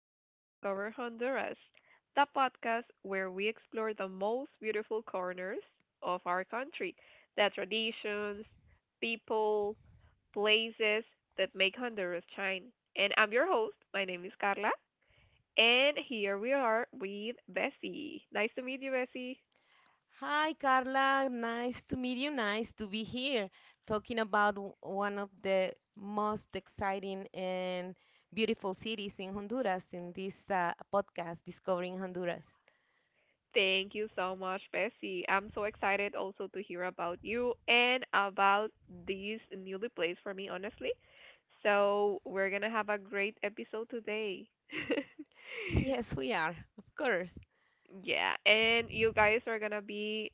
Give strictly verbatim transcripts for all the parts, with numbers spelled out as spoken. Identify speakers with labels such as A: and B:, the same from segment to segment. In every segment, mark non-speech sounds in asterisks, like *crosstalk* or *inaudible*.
A: welcome to Discover Honduras, the podcast where we explore the most beautiful corners of our country, the traditions, people, places that make Honduras shine. And I'm your host. My name is Carla, and here we are with Bessie. Nice to meet you, Bessie.
B: Hi, Carla. Nice to meet you. Nice to be here talking about w- one of the most exciting and beautiful cities in Honduras in this uh, podcast, Discovering Honduras.
A: Thank you so much, Bessie. I'm so excited also to hear about you and about these newly plays for me, honestly. So, we're going to have a great episode today. *laughs*
B: Yes, we are, of course.
A: Yeah, and you guys are gonna be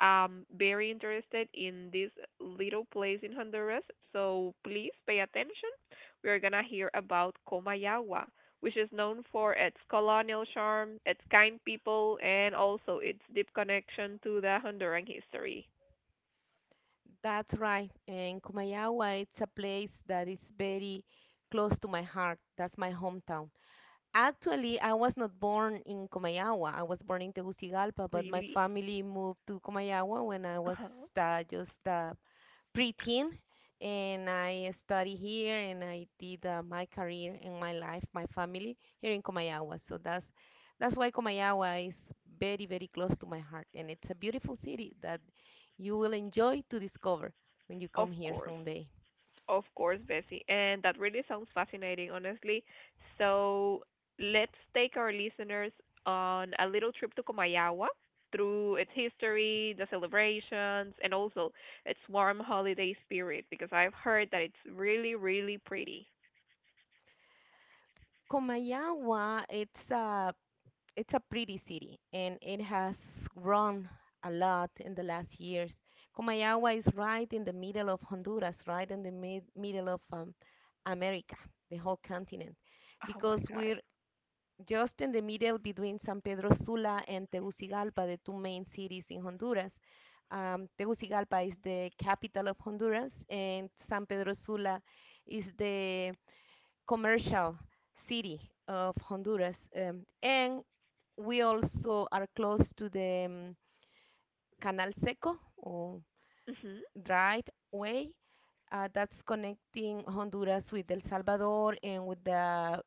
A: um very interested in this little place in Honduras. So please pay attention. We're gonna hear about Comayagua, which is known for its colonial charm, its kind people, and also its deep connection to the Honduran history.
B: That's right. And Kumayawa, it's a place that is very close to my heart. That's my hometown. Actually, I was not born in Comayagua. I was born in Tegucigalpa, but my
A: Really?
B: family moved to Comayagua when I was
A: Uh-huh.
B: uh, just uh, preteen, and I study here, and I did uh, my career and my life, my family here in Comayagua. So that's that's why Comayagua is very, very close to my heart, and it's a beautiful city that you will enjoy to discover when you
A: Of
B: come here
A: course.
B: someday.
A: Of course, Bessie. And that really sounds fascinating, honestly. So let's take our listeners on a little trip to Comayagua through its history, the celebrations, and also its warm holiday spirit because I've heard that it's really, really pretty.
B: Comayagua, it's a it's a pretty city, and it has grown a lot in the last years. Comayagua is right in the middle of Honduras, right in the mid middle of um, America, the whole continent,
A: Oh my
B: because
A: God.
B: we're just in the middle between San Pedro Sula and Tegucigalpa, the two main cities in Honduras. Um, Tegucigalpa is the capital of Honduras, and San Pedro Sula is the commercial city of Honduras. Um, and we also are close to the um, Canal Seco or
A: Mhm.
B: driveway uh, that's connecting Honduras with El Salvador and with the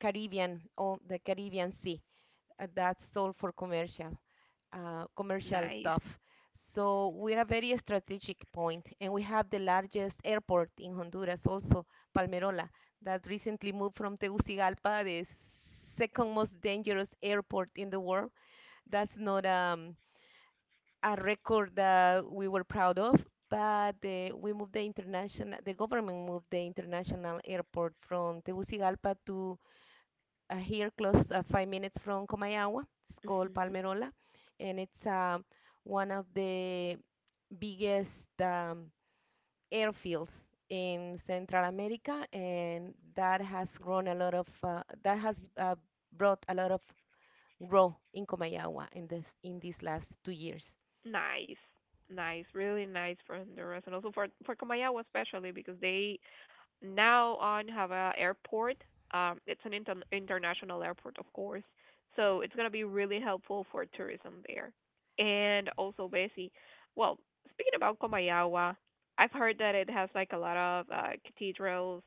B: Caribbean or the Caribbean Sea. Uh, that's all for commercial, uh, commercial
A: Nice.
B: stuff. So we're a very strategic point, and we have the largest airport in Honduras, also Palmerola, that recently moved from Tegucigalpa, the second most dangerous airport in the world. That's not um, a record that we were proud of, but uh, we moved the international, the government moved the international airport from Tegucigalpa to uh, here close, uh, five minutes from Comayagua. It's called
A: Mhm.
B: Palmerola, and it's uh, one of the biggest um, airfields in Central America, and that has grown a lot of uh, that has uh, brought a lot of growth in Comayagua in this in these last two years.
A: Nice. Nice. Really nice for Honduras and also for for Comayagua especially because they now on Havana Airport. Um, it's an inter- international airport, of course, so it's gonna be really helpful for tourism there. And also, Bessie, well, speaking about Comayagua, I've heard that it has like a lot of uh, cathedrals,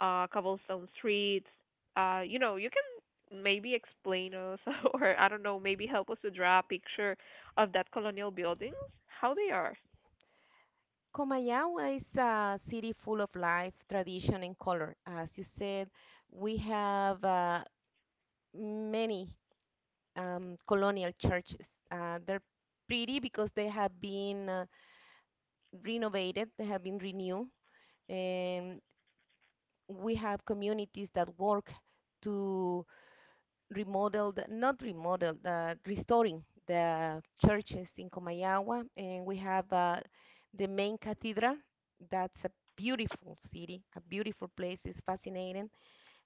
A: uh, cobblestone streets. Uh, you know, you can maybe explain us, *laughs* or I don't know, maybe help us to draw a picture of that colonial buildings, how they are.
B: Comayagua is a city full of life, tradition, and color. As you said, we have uh, many um, colonial churches. Uh, they're pretty because they have been uh, renovated, they have been renewed, and we have communities that work to remodel, the, not remodel, the, restoring the churches in Comayagua, and we have uh, the main cathedral. That's a beautiful city, a beautiful place. It's fascinating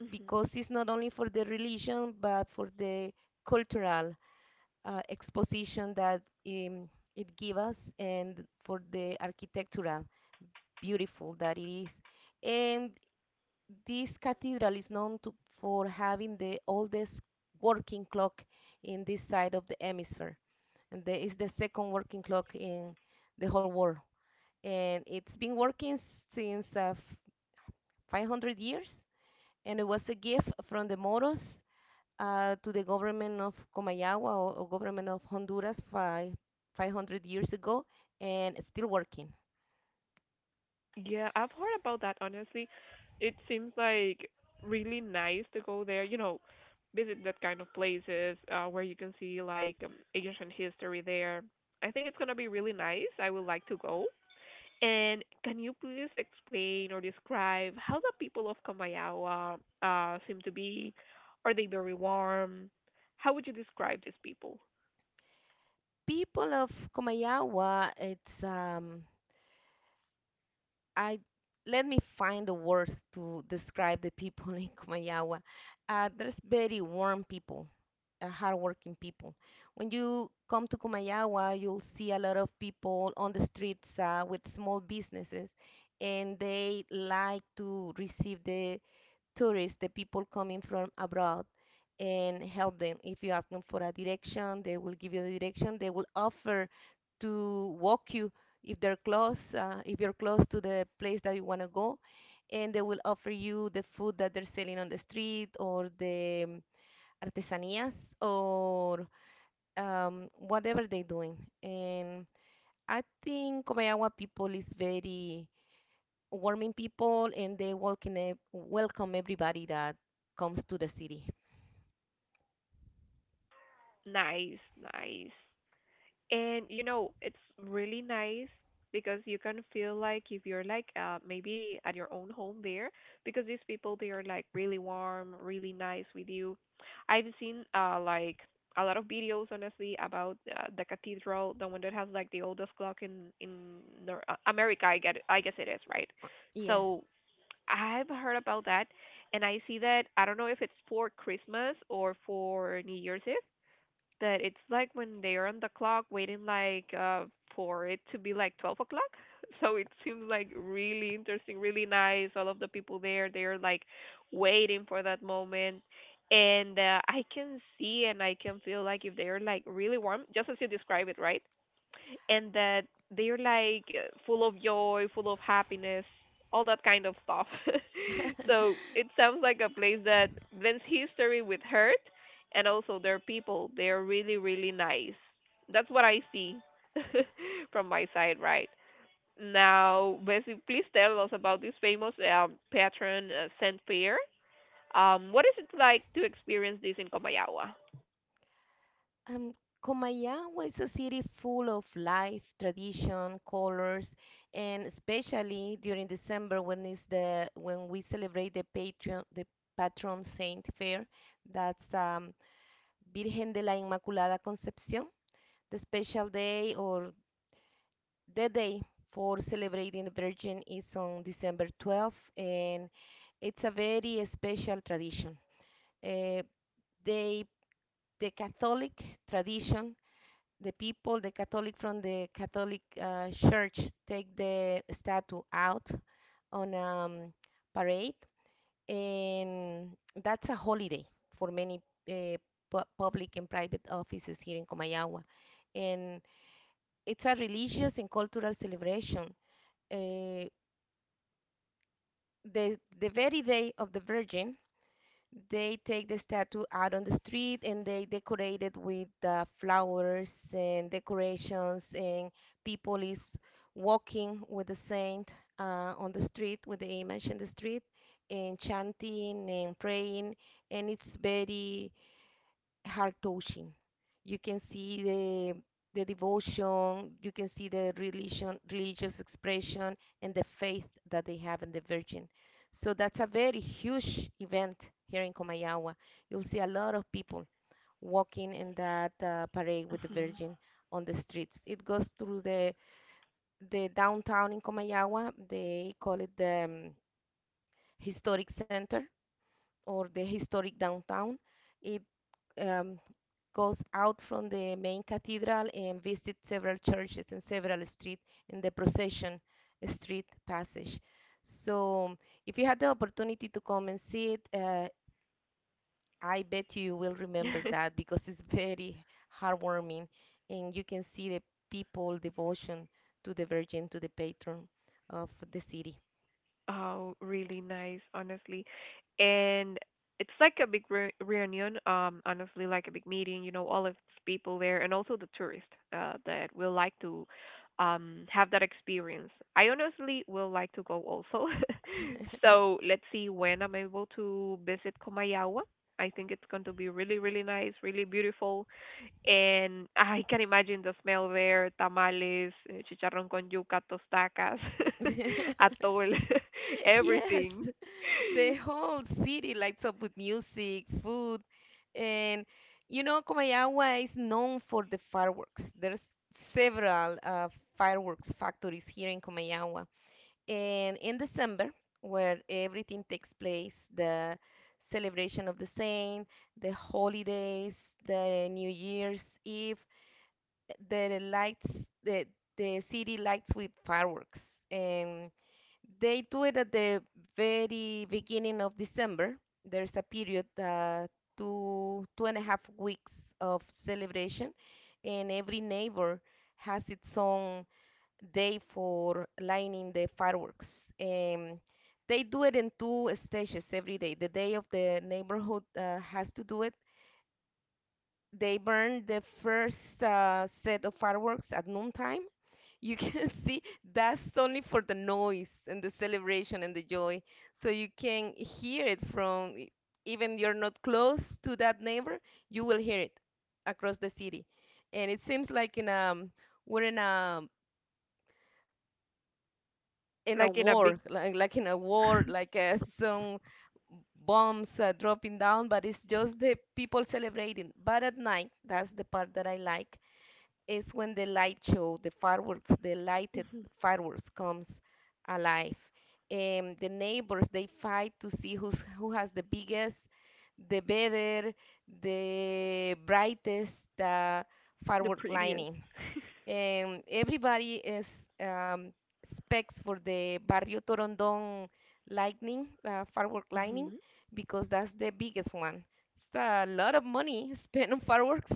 A: Mm-hmm.
B: because it's not only for the religion but for the cultural uh, exposition that um, it gives us, and for the architectural beautiful that it is. And this cathedral is known to, for having the oldest working clock in this side of the hemisphere, and there is the second working clock in the whole world, and it's been working since uh, five hundred years, and it was a gift from the moros uh, to the government of Comayagua or, or government of Honduras five, 500 years ago, and it's still working.
A: Yeah, I've heard about that honestly. It seems like really nice to go there, you know, visit that kind of places uh, where you can see like um, ancient history there. I think it's gonna be really nice. I would like to go. And can you please explain or describe how the people of Kamayawa uh, seem to be? Are they very warm? How would you describe these people?
B: People of Comayagua, it's um, I let me find the words to describe the people *laughs* in Comayagua. Uh, there's very warm people, uh, hardworking people. When you come to Comayagua, you'll see a lot of people on the streets uh, with small businesses, and they like to receive the tourists, the people coming from abroad, and help them. If you ask them for a direction, they will give you the direction. They will offer to walk you if they're close, uh, if you're close to the place that you want to go, and they will offer you the food that they're selling on the street or the um, artesanías or um, whatever they're doing. And I think Comayagua people is very warming people, and they welcome ev- welcome everybody that comes to the city.
A: Nice, nice. And you know, it's really nice because you can feel like if you're like uh, maybe at your own home there, because these people they are like really warm, really nice with you. I've seen uh like a lot of videos honestly about uh, the cathedral, the one that has like the oldest clock in in Nor- uh, America. I get I guess it is right.
B: Yes.
A: So I've heard about that, and I see that I don't know if it's for Christmas or for New Year's Eve that it's like when they're on the clock waiting like uh for it to be like twelve o'clock. *laughs* So it seems like really interesting, really nice. All of the people there, they're like waiting for that moment, and uh, I can see and I can feel like if they're like really warm, just as you describe it, right? And that they're like uh, full of joy, full of happiness, all that kind of stuff. *laughs* So
B: *laughs*
A: it sounds like a place that blends history with hurt, and also their people. They're really, really nice. That's what I see *laughs* from my side, right? Now, Bessie, please tell us about this famous um, patron, uh, Saint Pierre. Um, what is it like to experience this in Comayawa?
B: Um, Comayagua is a city full of life, tradition, colors, and especially during December, when is the when we celebrate the patron the patron saint fair. That's um, Virgen de la Inmaculada Concepción, the special day or the day for celebrating the Virgin, is on December twelfth, and it's a very special tradition. Uh, they, the Catholic tradition, the people, the Catholic from the Catholic uh, Church, take the statue out on a um, parade, and that's a holiday for many uh, pu- public and private offices here in Comayagua, and it's a religious and cultural celebration. Uh, the the very day of the Virgin, they take the statue out on the street and they decorate it with uh, flowers and decorations, and people is walking with the saint uh, on the street with the image in the street and chanting and praying, and it's very heart touching. You can see the the devotion, you can see the religion, religious expression, and the faith that they have in the Virgin. So that's a very huge event here in Comayagua. You'll see a lot of people walking in that uh, parade with the
A: Mhm.
B: Virgin on the streets. It goes through the the downtown in Comayagua. They call it the um, historic center or the historic downtown. It um, goes out from the main cathedral and visits several churches and several streets in the procession street passage. So, if you had the opportunity to come and see it, uh, I bet you will remember
A: *laughs*
B: that because it's very heartwarming, and you can see the people devotion to the Virgin, to the patron of the city.
A: Oh, really nice, honestly. And it's like a big re reunion, um, honestly, like a big meeting, you know, all of its people there and also the tourists uh, that will like to um have that experience. I honestly will like to go also. *laughs* So let's see when I'm able to visit Komayawa. I think it's going to be really, really nice, really beautiful. And I can imagine the smell there, tamales, eh, chicharrón con yuca, tostacas, *laughs*
B: *laughs*
A: atole, *laughs*
B: Yes.
A: everything.
B: The whole city lights up with music, food, and you know, Comayagua is known for the fireworks. There's several uh, fireworks factories here in Comayagua. And in December, where everything takes place, the celebration of the saint, the holidays, the New Year's Eve, the lights, the the city lights with fireworks. And they do it at the very beginning of December. There's a period, uh, two two and a half weeks of celebration, and every neighbor has its own day for lighting the fireworks. Um, they do it in two stages every day. The day of the neighborhood uh, has to do it. They burn the first uh, set of fireworks at noontime. You can *laughs* see that's only for the noise and the celebration and the joy, so you can hear it from e- even you're not close to that neighbor, you will hear it across the city. And it seems like in a we're in a in a
A: Like in a big,
B: war like, like in a war like uh, some bombs are dropping down, but it's just the people celebrating. But at night, that's the part that I like, is when the light show, the fireworks, the lighted fireworks comes alive. And the neighbors, they fight to see who's who has the biggest, the better, the brightest uh,
A: the
B: firework
A: prettiest.
B: lining. Um, everybody is um, specs for the Barrio Torondon lightning, uh, firework lightning,
A: Hmm.
B: because that's the biggest one. It's a lot of money *laughs* spent on fireworks,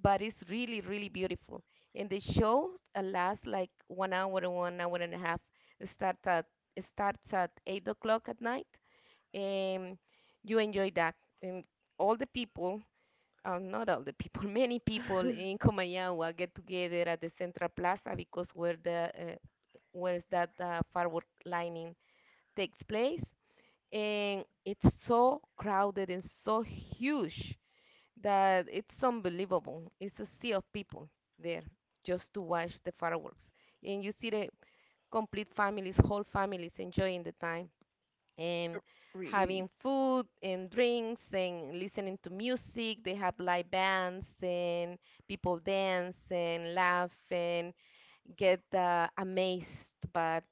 B: but it's really, really beautiful. And the show uh, lasts like one hour and one hour and a half. It starts at it starts at eight o'clock at night, and you enjoy that. And all the people uh, not all the people, *laughs* many people in Comayagua get together at the Central Plaza because where the uh, where's that uh, firework lighting takes place, and it's so crowded and so huge that it's unbelievable. It's a sea of people there just to watch the fireworks, and you see the complete families, whole families enjoying the time and having food and drinks and listening to music. They have live bands and people dance and laugh and get uh, amazed but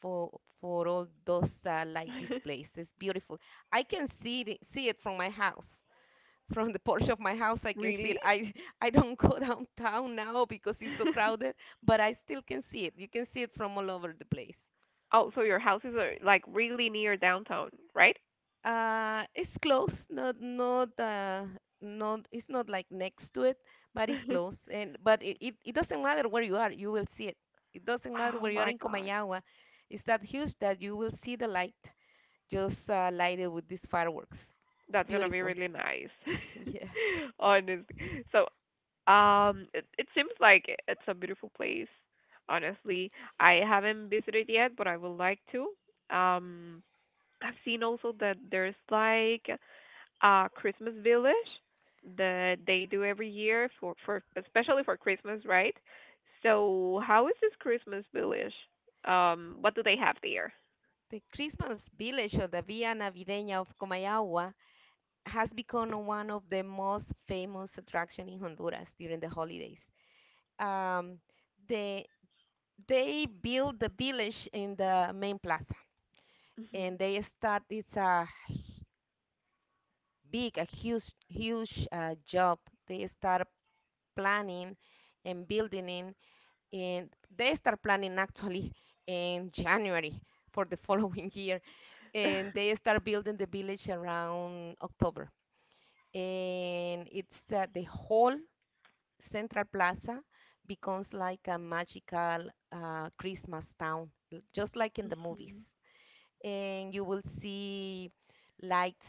B: for for all those uh, like displays. It's beautiful. I can see it, see it from my house. *laughs* From the porch of my house, I can see it.
A: Really?
B: I *laughs* I don't go *laughs* downtown now because it's so
A: *laughs*
B: crowded, but I still can see it. You can see it from all over the place.
A: Oh, so your houses are like really near downtown, right? *laughs*
B: Uh, it's close, not not uh, not it's not like next to it, but it's close. And but it, it, it doesn't matter where you are, you will see it. It doesn't matter
A: Oh
B: where you are
A: my
B: in
A: God.
B: Comayagua. It's that huge that you will see the light just uh, lighted with these fireworks. It's
A: That's gonna be
B: beautiful.
A: really nice.
B: *laughs*
A: *laughs*
B: Yes.
A: Honestly. So, um, it, it seems like i- it's a beautiful place. Honestly, I haven't visited yet, but I would like to. Um, I've seen also that there's like a Christmas village that they do every year for for especially for Christmas, right? So how is this Christmas village? Um, what do they have there?
B: The Christmas village of the Villa Navideña of Comayagua has become one of the most famous attractions in Honduras during the holidays. Um, the They build the village in the main plaza,
A: Hmm.
B: and they start. It's a h- big, a huge, huge uh, job. They start planning and building in, and they start planning actually in January for the *laughs* following year, and they start building the village around October, and it's uh, the whole central plaza becomes like a magical uh, Christmas town, l- just like in the movies. And you will see lights,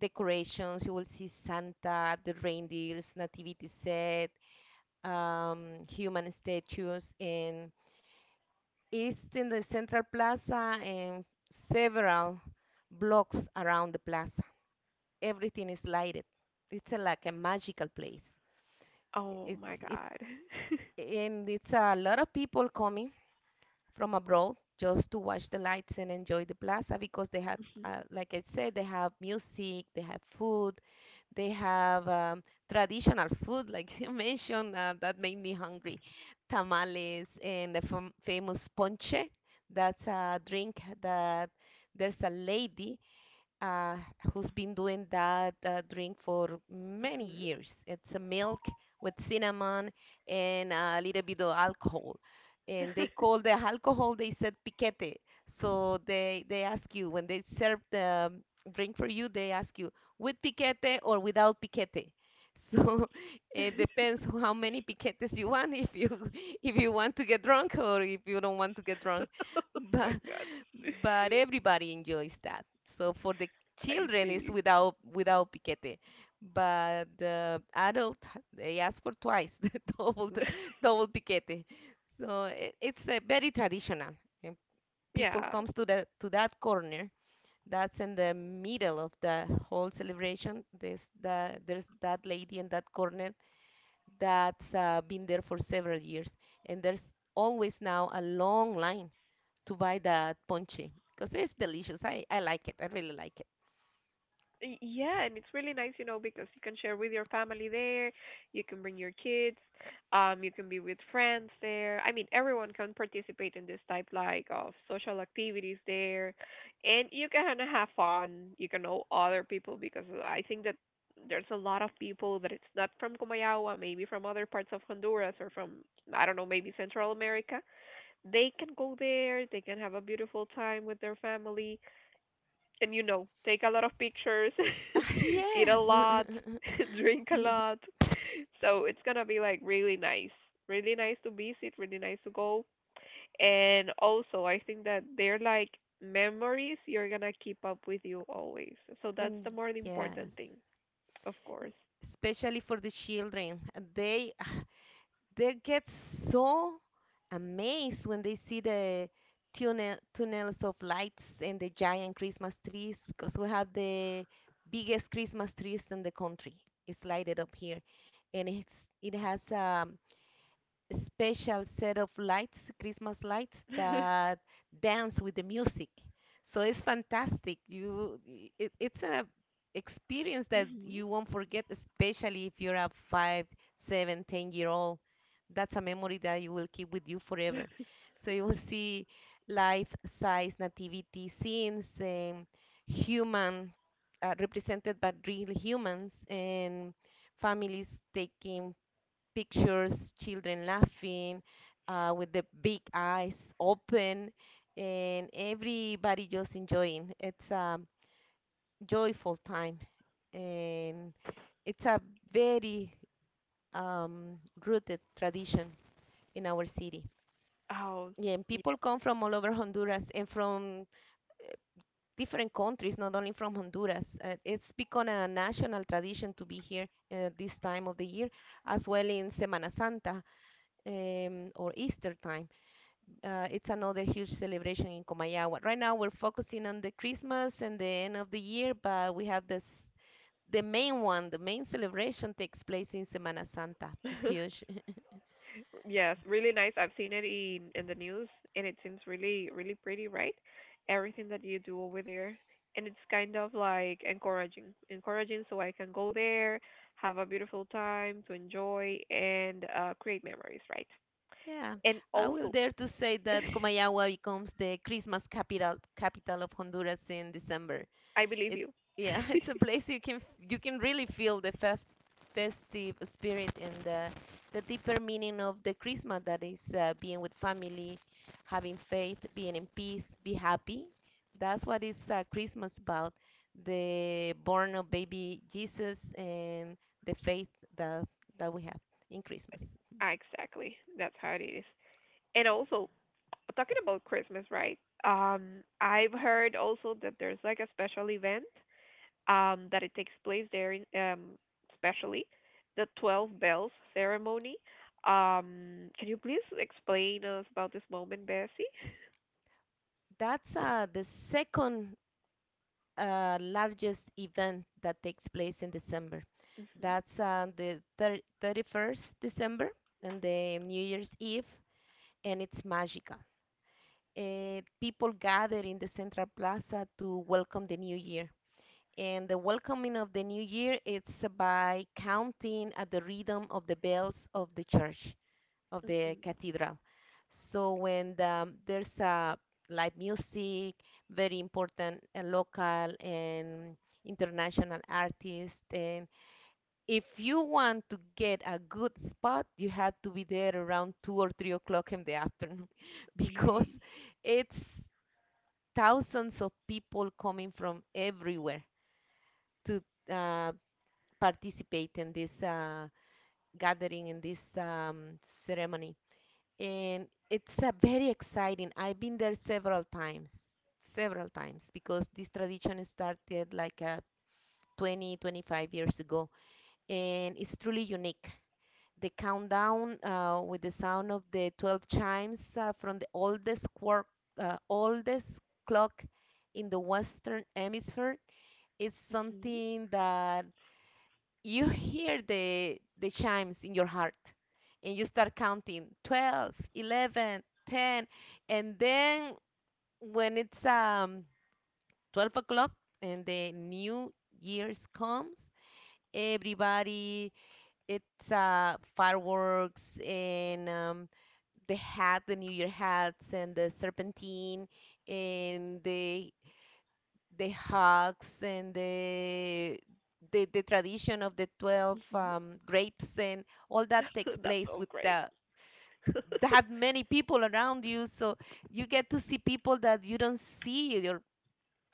B: decorations, you will see Santa, the reindeers, nativity set, um, human statues, and it's in the central plaza and several blocks around the plaza. Everything is lighted. It's a, like a magical place.
A: *laughs* Oh
B: It's
A: my
B: if
A: God. *laughs*
B: And it's a lot of people coming from abroad just to watch the lights and enjoy the plaza because they have,
A: Mhm.
B: uh, like I said, they have music, they have food, they have um, traditional food, *laughs* like you mentioned, uh, that made me hungry. Tamales and the fam- famous ponche. That's a drink that there's a lady uh, who's been doing that uh, drink for many years. It's a milk with cinnamon and a little bit of alcohol. And they call the alcohol, they said piquete. So they, they ask you, when they serve the um, drink for you, they ask you, with piquete or without piquete? So *laughs* it depends how many piquetes you want, if you *laughs* if you want to get drunk or if you don't want to get drunk.
A: My
B: But
A: God.
B: but everybody enjoys that. So for the
A: I
B: children is
A: see.
B: without without piquete, but the adult *laughs* they ask for twice *laughs* the double the- double piquete. So it, it's uh, very traditional. And people
A: Yeah.
B: comes to the to that corner. That's in the middle of the whole celebration. There's the, there's that lady in that corner that's uh, been there for several years, and there's always now a long line to buy that ponche because it's delicious. I, I like it. I really like it.
A: Y- Yeah, and it's really nice, you know, because you can share with your family there, you can bring your kids, um, you can be with friends there. I mean, everyone can participate in this type like of social activities there, and you can have fun. You can know other people because I think that there's a lot of people that it's not from Comayagua, maybe from other parts of Honduras or from I don't know, maybe Central America. They can go there, they can have a beautiful time with their family and you know, take a lot of pictures,
B: Ah,
A: *laughs* eat
B: yes.
A: a lot,
B: *laughs*
A: *laughs* drink a
B: Yeah.
A: lot. So it's gonna be like really nice. Really nice to visit, really nice to go. And also I think that they're like memories you're gonna keep up with you always. So that's the
B: Mm,
A: more important thing,
B: yes.
A: of course.
B: Especially for the children. They *sighs* ah, they get so amazed when they see the tunnel tunnels of lights and the giant Christmas trees because we have the biggest Christmas trees in the country. It's lighted up here. And it's it has a special set of lights, Christmas lights
A: *laughs*
B: that dance with the music. So it's fantastic. You, it, it's a experience that
A: Hmm.
B: you won't forget, especially if you're a five, seven, ten year old. That's a memory that you will keep with you forever. So you will see life-size nativity scenes, um, human uh, represented by real humans, and families taking pictures, children laughing uh, with the big eyes open, and everybody just enjoying. It's a joyful time, and it's a very um, rooted tradition in our city.
A: Oh,
B: Yeah, and people come from all over Honduras and from different countries, not only from Honduras. Uh, it's become a national tradition to be here uh, this time of the year, as well in Semana Santa um, or Easter time. Uh, it's another huge celebration in Comayagua. Right now, we're focusing on the Christmas and the end of the year, but we have this the main one, the main celebration takes place in Semana Santa.
A: yeah.
B: It's
A: *laughs*
B: huge. *laughs*
A: Yes, really nice. I've seen it in in the news, and it seems really, really pretty, right? Everything that you do over there, and it's kind of like encouraging, encouraging, so I can go there, have a beautiful time to enjoy and uh, create memories, right?
B: Yeah,
A: And
B: I will
A: also,
B: dare to say that
A: *laughs*
B: Comayagua becomes the Christmas capital capital of Honduras in December.
A: I believe
B: It
A: you.
B: Yeah, *laughs* it's a place you can f- you can really feel the fe festive spirit and the the deeper meaning of the Christmas that is uh, being with family, having faith, being in peace, be happy. That's what is uh, Christmas about. The born of baby Jesus and the faith that that we have in Christmas.
A: Ah, exactly. That's how it is. And also, talking about Christmas, right? Um, I've heard also that there's like a special event um, that it takes place there, in, um, especially the Twelve Bells ceremony. Um, can you please explain us about this moment, Bessie?
B: That's uh, the second uh, largest event that takes place in December.
A: Mm-hmm,
B: That's on the thir thirty-first December and the New Year's Eve, and it's magical. Uh, people gather in the Central Plaza to welcome the new year. And the welcoming of the new year, it's by counting at the rhythm of the bells of the church, of the
A: mm-hmm.
B: cathedral. So when the, there's uh, live music, very important uh, local and international artists, and if you want to get a good spot, you have to be there around two or three o'clock in the afternoon *laughs* because
A: Really?
B: it's thousands of people coming from everywhere to uh, participate in this uh, gathering, in this um, ceremony. And it's uh, very exciting. I've been there several times, several times because this tradition started like uh, twenty, twenty-five years ago, and it's truly unique the countdown uh, with the sound of the twelve chimes uh, from the oldest, quar- uh, oldest clock in the Western Hemisphere is
A: Mm-hmm,
B: something that you *laughs* hear the, the chimes in your heart and you start counting twelve, eleven, ten, and then when it's um, 12 o'clock and the new year's comes, everybody it's uh, fireworks and um, the hat, the New Year hats, and the serpentine, and the the hugs, and the the, the tradition of the twelve
A: mm-hmm.
B: um, grapes, and all that
A: *laughs*
B: takes
A: That's
B: place with
A: so great.
B: the that many people around you. So you get to see people that you don't see your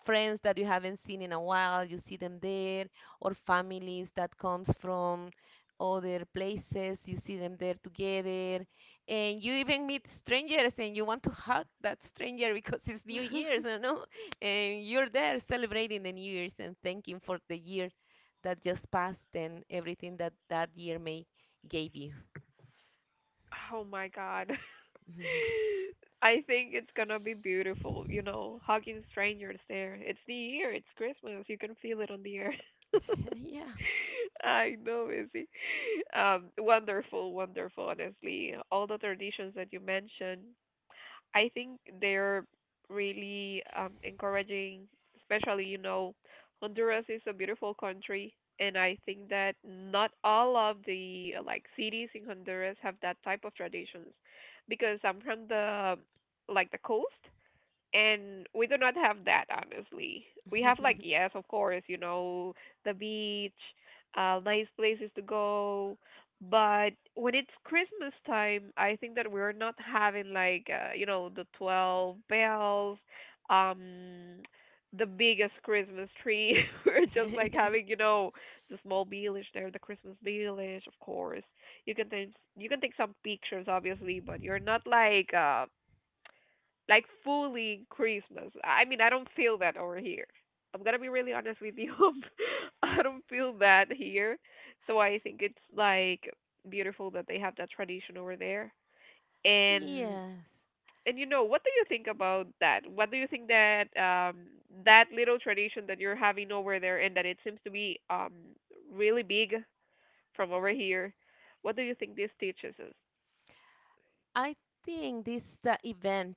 B: friends that you haven't seen in a while, you see them there, or families that comes from other places, you see them there together, and you even meet strangers and you want to hug that stranger *laughs* because it's New Year's, you know, and you're there celebrating the New Year's and thanking for the year that just passed and everything that that year may gave you.
A: Oh my God.
B: *laughs*
A: I think it's gonna be beautiful, you know, hugging strangers there. It's New Year, it's Christmas, you can feel it on the air. *laughs*
B: Yeah.
A: I know, Izzy. Um, wonderful, wonderful, honestly. All the traditions that you mentioned, I think they're really um, encouraging, especially, you know, Honduras is a beautiful country. And I think that not all of the uh, like cities in Honduras have that type of traditions, because I'm from the like the coast, and we do not have that, honestly. We have, like,
B: *laughs*
A: yes, of course, you know, the beach, uh nice places to go, but when it's Christmas time, I think that we're not having like uh, you know, the twelve bells, um, the biggest Christmas tree. *laughs* We're just like having, you know, the small village there, the Christmas village, of course. You can take, you can take some pictures obviously, but you're not like uh like fully Christmas. I mean, I don't feel that over here. I'm gonna be really honest with you. *laughs* I don't feel that here, so I think it's like beautiful that they have that tradition over there. And
B: Yes,
A: and you know, what do you think about that? What do you think that um that little tradition that you're having over there and that it seems to be um really big from over here? What do you think this teaches us?
B: I think this uh, event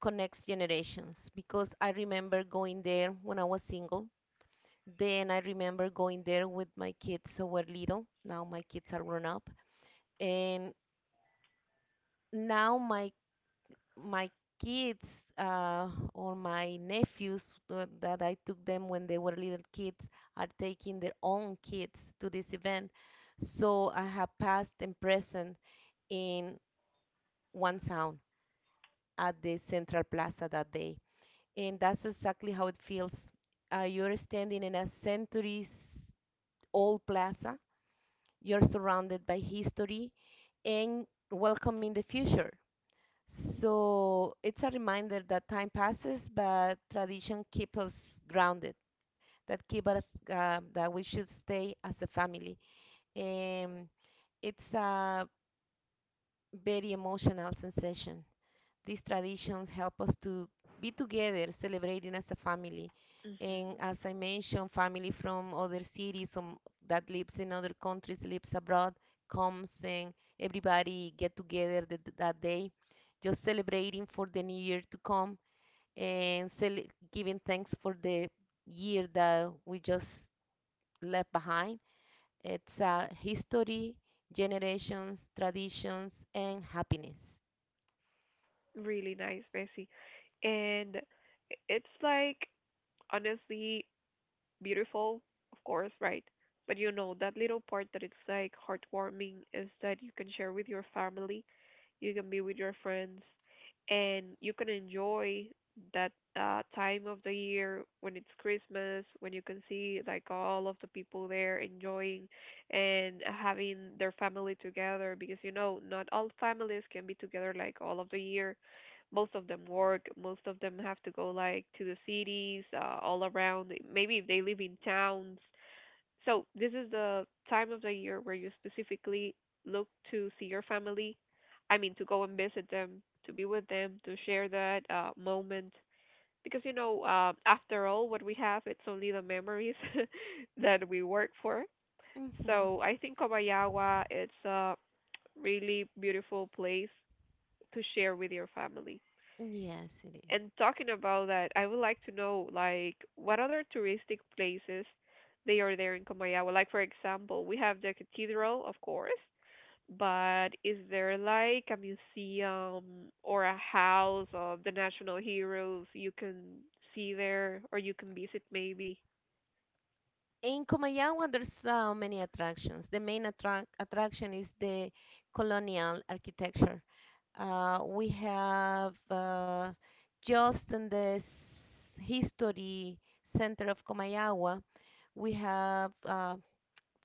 B: connects generations because I remember going there when I was single. Then I remember going there with my kids who were little. Now my kids are grown up, and now my my kids uh, or my nephews uh, that I took them when they were little kids are taking their own kids to this event. So I have past and present in one sound at the Central Plaza that day. And that's exactly how it feels. Uh, you're standing in a centuries old plaza, you're surrounded by history and welcoming the future. So it's a reminder that time passes, but tradition keeps us grounded, that keep us, uh, that we should stay as a family. And it's a very emotional sensation. These traditions help us to be together, celebrating as a family. And
A: Hmm.
B: as I mentioned, family from other cities um, that lives in other countries, lives abroad, comes and everybody get together th- that day, just celebrating for the new year to come and giving thanks for the year that we just left behind. It's a history, generations, traditions, and happiness.
A: Really nice, Bessie. And it's like honestly beautiful, of course, right? But you know, that little part that it's like heartwarming is that you can share with your family, you can be with your friends, and you can enjoy that uh, time of the year when it's Christmas, when you can see like all of the people there enjoying and having their family together, because you know not all families can be together like all of the year. Most of them work, most of them have to go like to the cities, uh, all around. Maybe if they live in towns, so this is the time of the year where you specifically look to see your family. I mean, to go and visit them, to be with them, to share that uh, moment. Because you know, uh, after all, what we have, it's only the memories *laughs* that we work for.
B: Hmm,
A: So I think Kobayawa, it's a really beautiful place to share with your family.
B: yes, it is.
A: And talking about that, I would like to know like what other touristic places they are there in Comayagua. Like for example, we have the cathedral, of course, but is there like a museum or a house of the national heroes you can see there or you can visit maybe?
B: In Comayagua, there's uh, many attractions. The main attract attraction is the colonial architecture. Uh, we have uh, just in the s- history center of Comayagua, we have uh,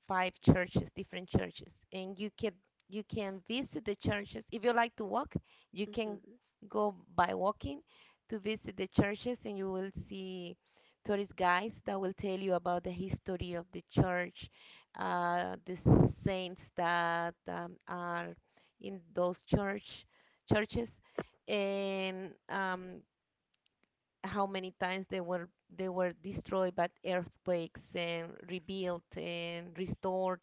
B: five churches, different churches, and you can you can visit the churches. If you like to walk, you can
A: Mhm.
B: go by walking to visit the churches, and you will see tourist guides that will tell you about the history of the church, uh, the saints that um, are in those church churches, and um, how many times they were they were destroyed by earthquakes and rebuilt and restored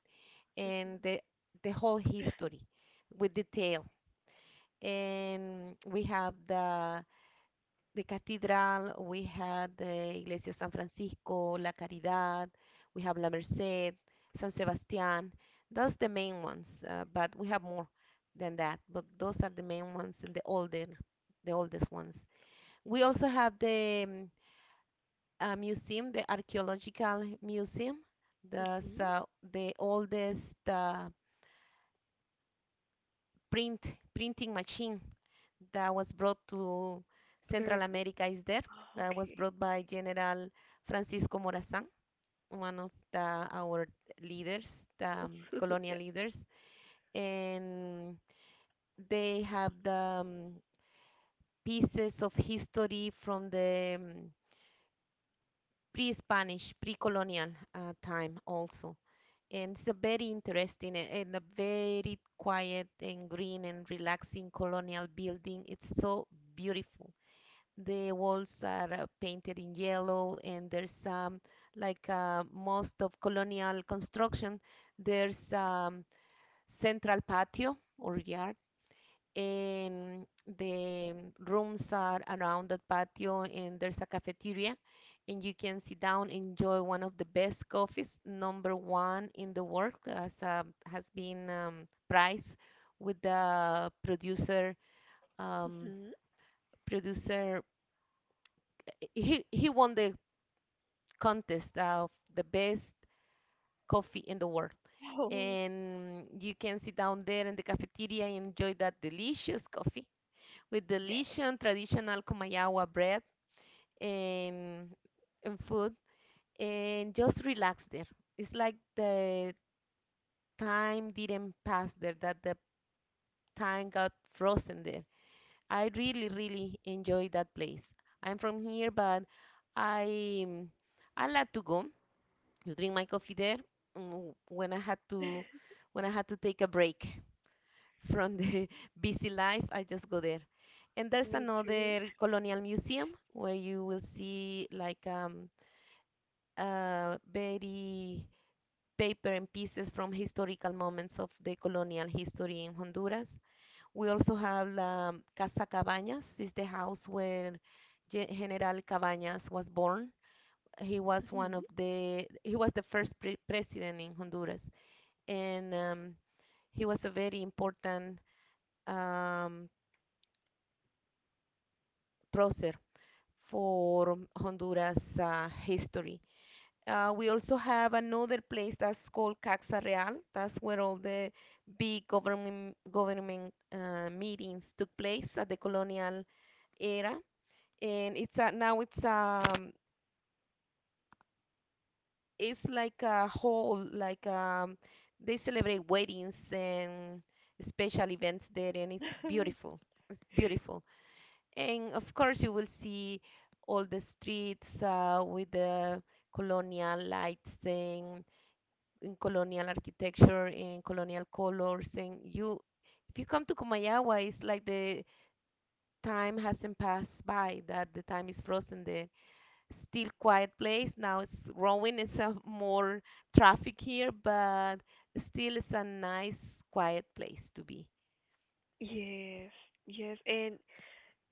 B: and the, the whole history with detail. And we have the, the cathedral, we had the Iglesia San Francisco, La Caridad, we have La Merced, San Sebastián. Those the main ones, uh, but we have more than that. But those are the main ones and the older, the oldest ones. We also have the um, uh, museum, the archaeological museum. That's
A: Mhm.
B: uh, the oldest uh, print printing machine that was brought to Central
A: America.
B: America is there.
A: Oh,
B: That was
A: okay.
B: brought by General Francisco Morazán, one of the, our leaders, the um,
A: *laughs*
B: colonial
A: Yeah.
B: leaders, and they have the um, pieces of history from the um, pre-Spanish, pre-colonial uh, time also. And it's a very interesting eh, and a very quiet and green and relaxing colonial building. It's so beautiful. The walls are uh, painted in yellow, and there's um, like uh, most of colonial construction, there's um, central patio or yard, and the rooms are around that patio, and there's a cafeteria, and you can sit down, enjoy one of the best coffees, number one in the world, as uh, has been um, prized with the producer
A: Yes.
B: um,
A: Hmm.
B: producer he he won the contest of the best coffee in the world.
A: Oh,
B: And you can sit down there in the cafeteria and enjoy that delicious coffee with
A: yeah.
B: delicious traditional Comayagua bread and, and food and just relax there. It's like the time didn't pass there, that the time got frozen there. I really, really enjoy that place. I'm from here, but I I like to go to drink my coffee there mm, when I had to when I had to take a break from the *laughs* busy life, I just go there. And there's
A: Me too.
B: another colonial museum where you will see like um, uh, very paper and pieces from historical moments of the colonial history in Honduras. We also have um, Casa Cabañas. It's the house where Gen- General Cabañas was born. He was
A: Mhm.
B: one of the he was the first pre- president in Honduras, and um, he was a very important um, prócer for Honduras uh, history. Uh, we also have another place that's called Caxa Real. That's where all the big government government uh, meetings took place at the colonial era, and it's a, now it's um it's like a hall. like um they celebrate weddings and special events there, and it's
A: *laughs*
B: beautiful. It's beautiful. And of course, you will see all the streets uh, with the colonial lights and, and colonial architecture in colonial colors. And you, if you come to Comayagua, it's like the time hasn't passed by, that the time is frozen. The still quiet place now it's growing. It's a more traffic here, but still it's a nice quiet place to be.
A: Yes, yes, and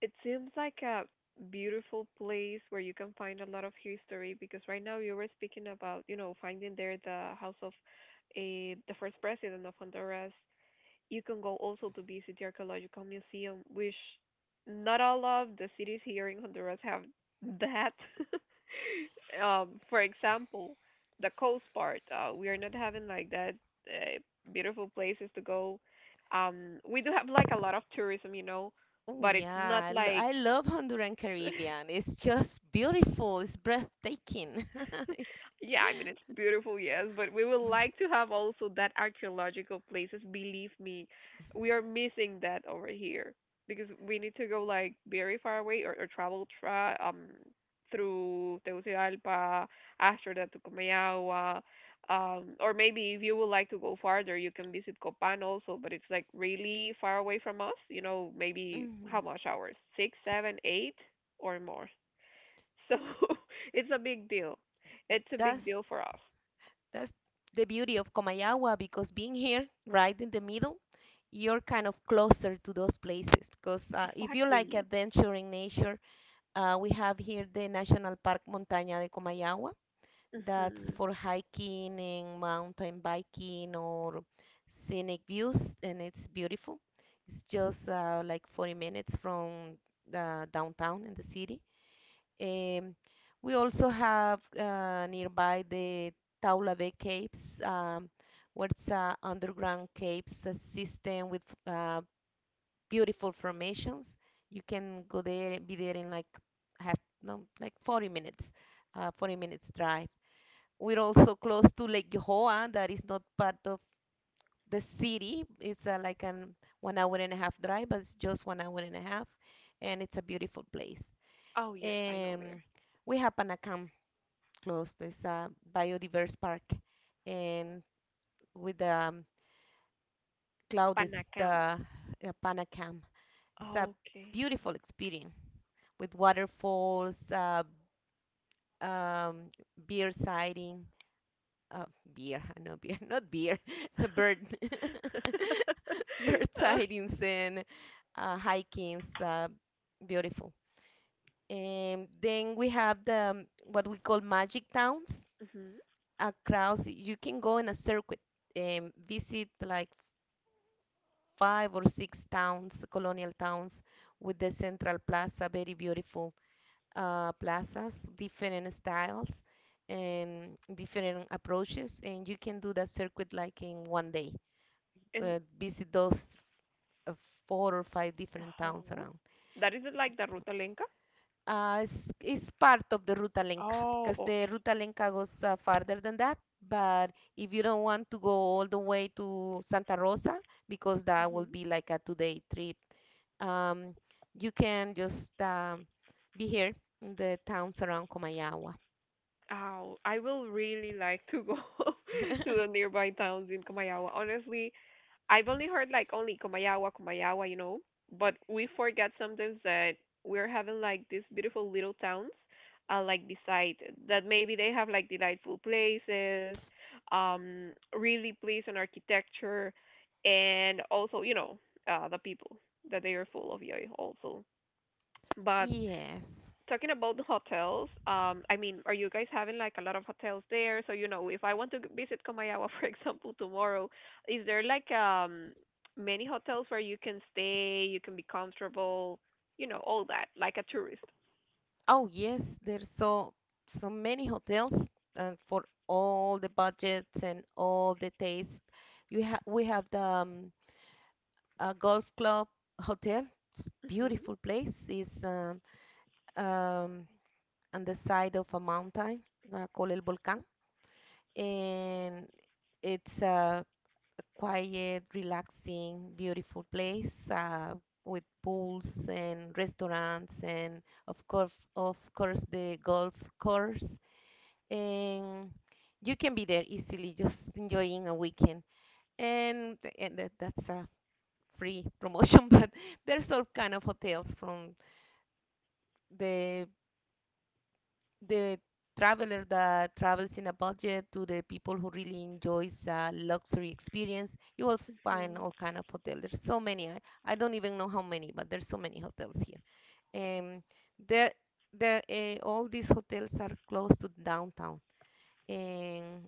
A: it seems like a beautiful place where you can find a lot of history because right now you were speaking about, you know, finding there the house of eh, the first president of Honduras. You can go also to visit the archaeological museum, which not all of the cities here in Honduras have that. *laughs* Um, for example, the coast part, uh, we are not having like that uh, beautiful places to go. Um, we do have like a lot of tourism, you know,
B: Oh
A: but it's not
B: yeah, I lo-
A: like
B: I love Honduran
A: *laughs*
B: Caribbean. It's just beautiful. It's breathtaking.
A: *laughs*
B: *laughs*
A: yeah, I mean, it's beautiful, yes, but we would like to have also that archaeological places. Believe me, we are missing that over here because we need to go like very far away or, or travel tra- um through Tegucigalpa, after that to Comayagua. Um, or maybe if you would like to go farther, you can visit Copan also, but it's like really far away from us. You know, maybe how
B: Mhm.
A: much hours? Six, seven, eight, or more. So *laughs* it's a big deal. It's a
B: That's
A: big deal for us.
B: that's the beauty of Comayagua because being here, right in the middle, you're kind of closer to those places. Because uh, if you like
A: Exactly.
B: adventure in nature, uh, we have here the National Park Montaña de Comayagua. That's
A: Hmm.
B: for hiking and mountain biking or scenic views, and it's beautiful. It's just uh, like forty minutes from the downtown in the city. Um, we also have uh, nearby the Taula Caves, um, where it's uh, underground caves uh, system with uh, beautiful formations. You can go there, be there in like half, no, like forty minutes, uh, forty minutes drive. We're also close to Lake Johoa, that is not part of the city. It's uh, like an one hour and a half drive, but it's just one hour and a half, and it's a beautiful place.
A: Oh yes, I know
B: And
A: there.
B: we have Panacam close. It's a biodiverse park, and with the um, cloud is the
A: Panakam.
B: uh, Panacam. It's a
A: Oh, okay.
B: beautiful experience with waterfalls, uh, um, beer sighting, uh, beer, uh, no beer, not beer, *laughs* bird,
A: *laughs*
B: *laughs* bird sightings and uh, hikings, uh, beautiful. And then we have the um, what we call magic towns
A: Hmm.
B: across. You can go in a circuit and visit like five or six towns, colonial towns, with the central plaza, very beautiful uh, plazas, different styles and different approaches, and you can do that circuit like in one day
A: And
B: uh, visit those uh, four or five different towns
A: oh,
B: around.
A: that is like the Ruta Lenca?
B: Uh, it's, it's part of the Ruta Lenca
A: Oh,
B: because the
A: okay.
B: Ruta Lenca goes uh, farther than that. But if you don't want to go all the way to Santa Rosa, because that will
A: Hmm.
B: be like a two-day trip, um, you can just um, be here in the towns around Comayagua.
A: Oh, I will really like to go *laughs* to the
B: *laughs*
A: nearby towns in Kamayawa. Honestly, I've only heard like only Kumayawa, Kumayawa, you know, but we forget sometimes that we're having like these beautiful little towns, uh, like beside that maybe they have like delightful places, um, really pleasant architecture, and also you know, uh, the people that they are full of joy also. But
B: Yes.
A: talking about the hotels, um, I mean, are you guys having like a lot of hotels there? So, you know, if I want to g- visit Comayawa, *laughs* for example, tomorrow, is there like um many hotels where you can stay, you can be comfortable, you know, all that, like a tourist?
B: Oh yes, there's so so many hotels and for all the budgets and all the taste. You have we have the um, uh, golf club hotel. It's
A: Mhm.
B: beautiful place. It's um, um, on the side of a mountain uh, called El Volcán, and it's a quiet, relaxing, beautiful place uh, with pools and restaurants and of course, of course, the golf course, and you can be there easily just enjoying a weekend and, and that, that's a free promotion. *laughs* But there's all kind of hotels, from the the traveler that travels in a budget to the people who really enjoys a luxury experience. You will find
A: Mhm.
B: all kind of hotels. There's so many. I, I don't even know how many, but there's so many hotels here. um, there, there, uh, all these hotels are close to downtown, and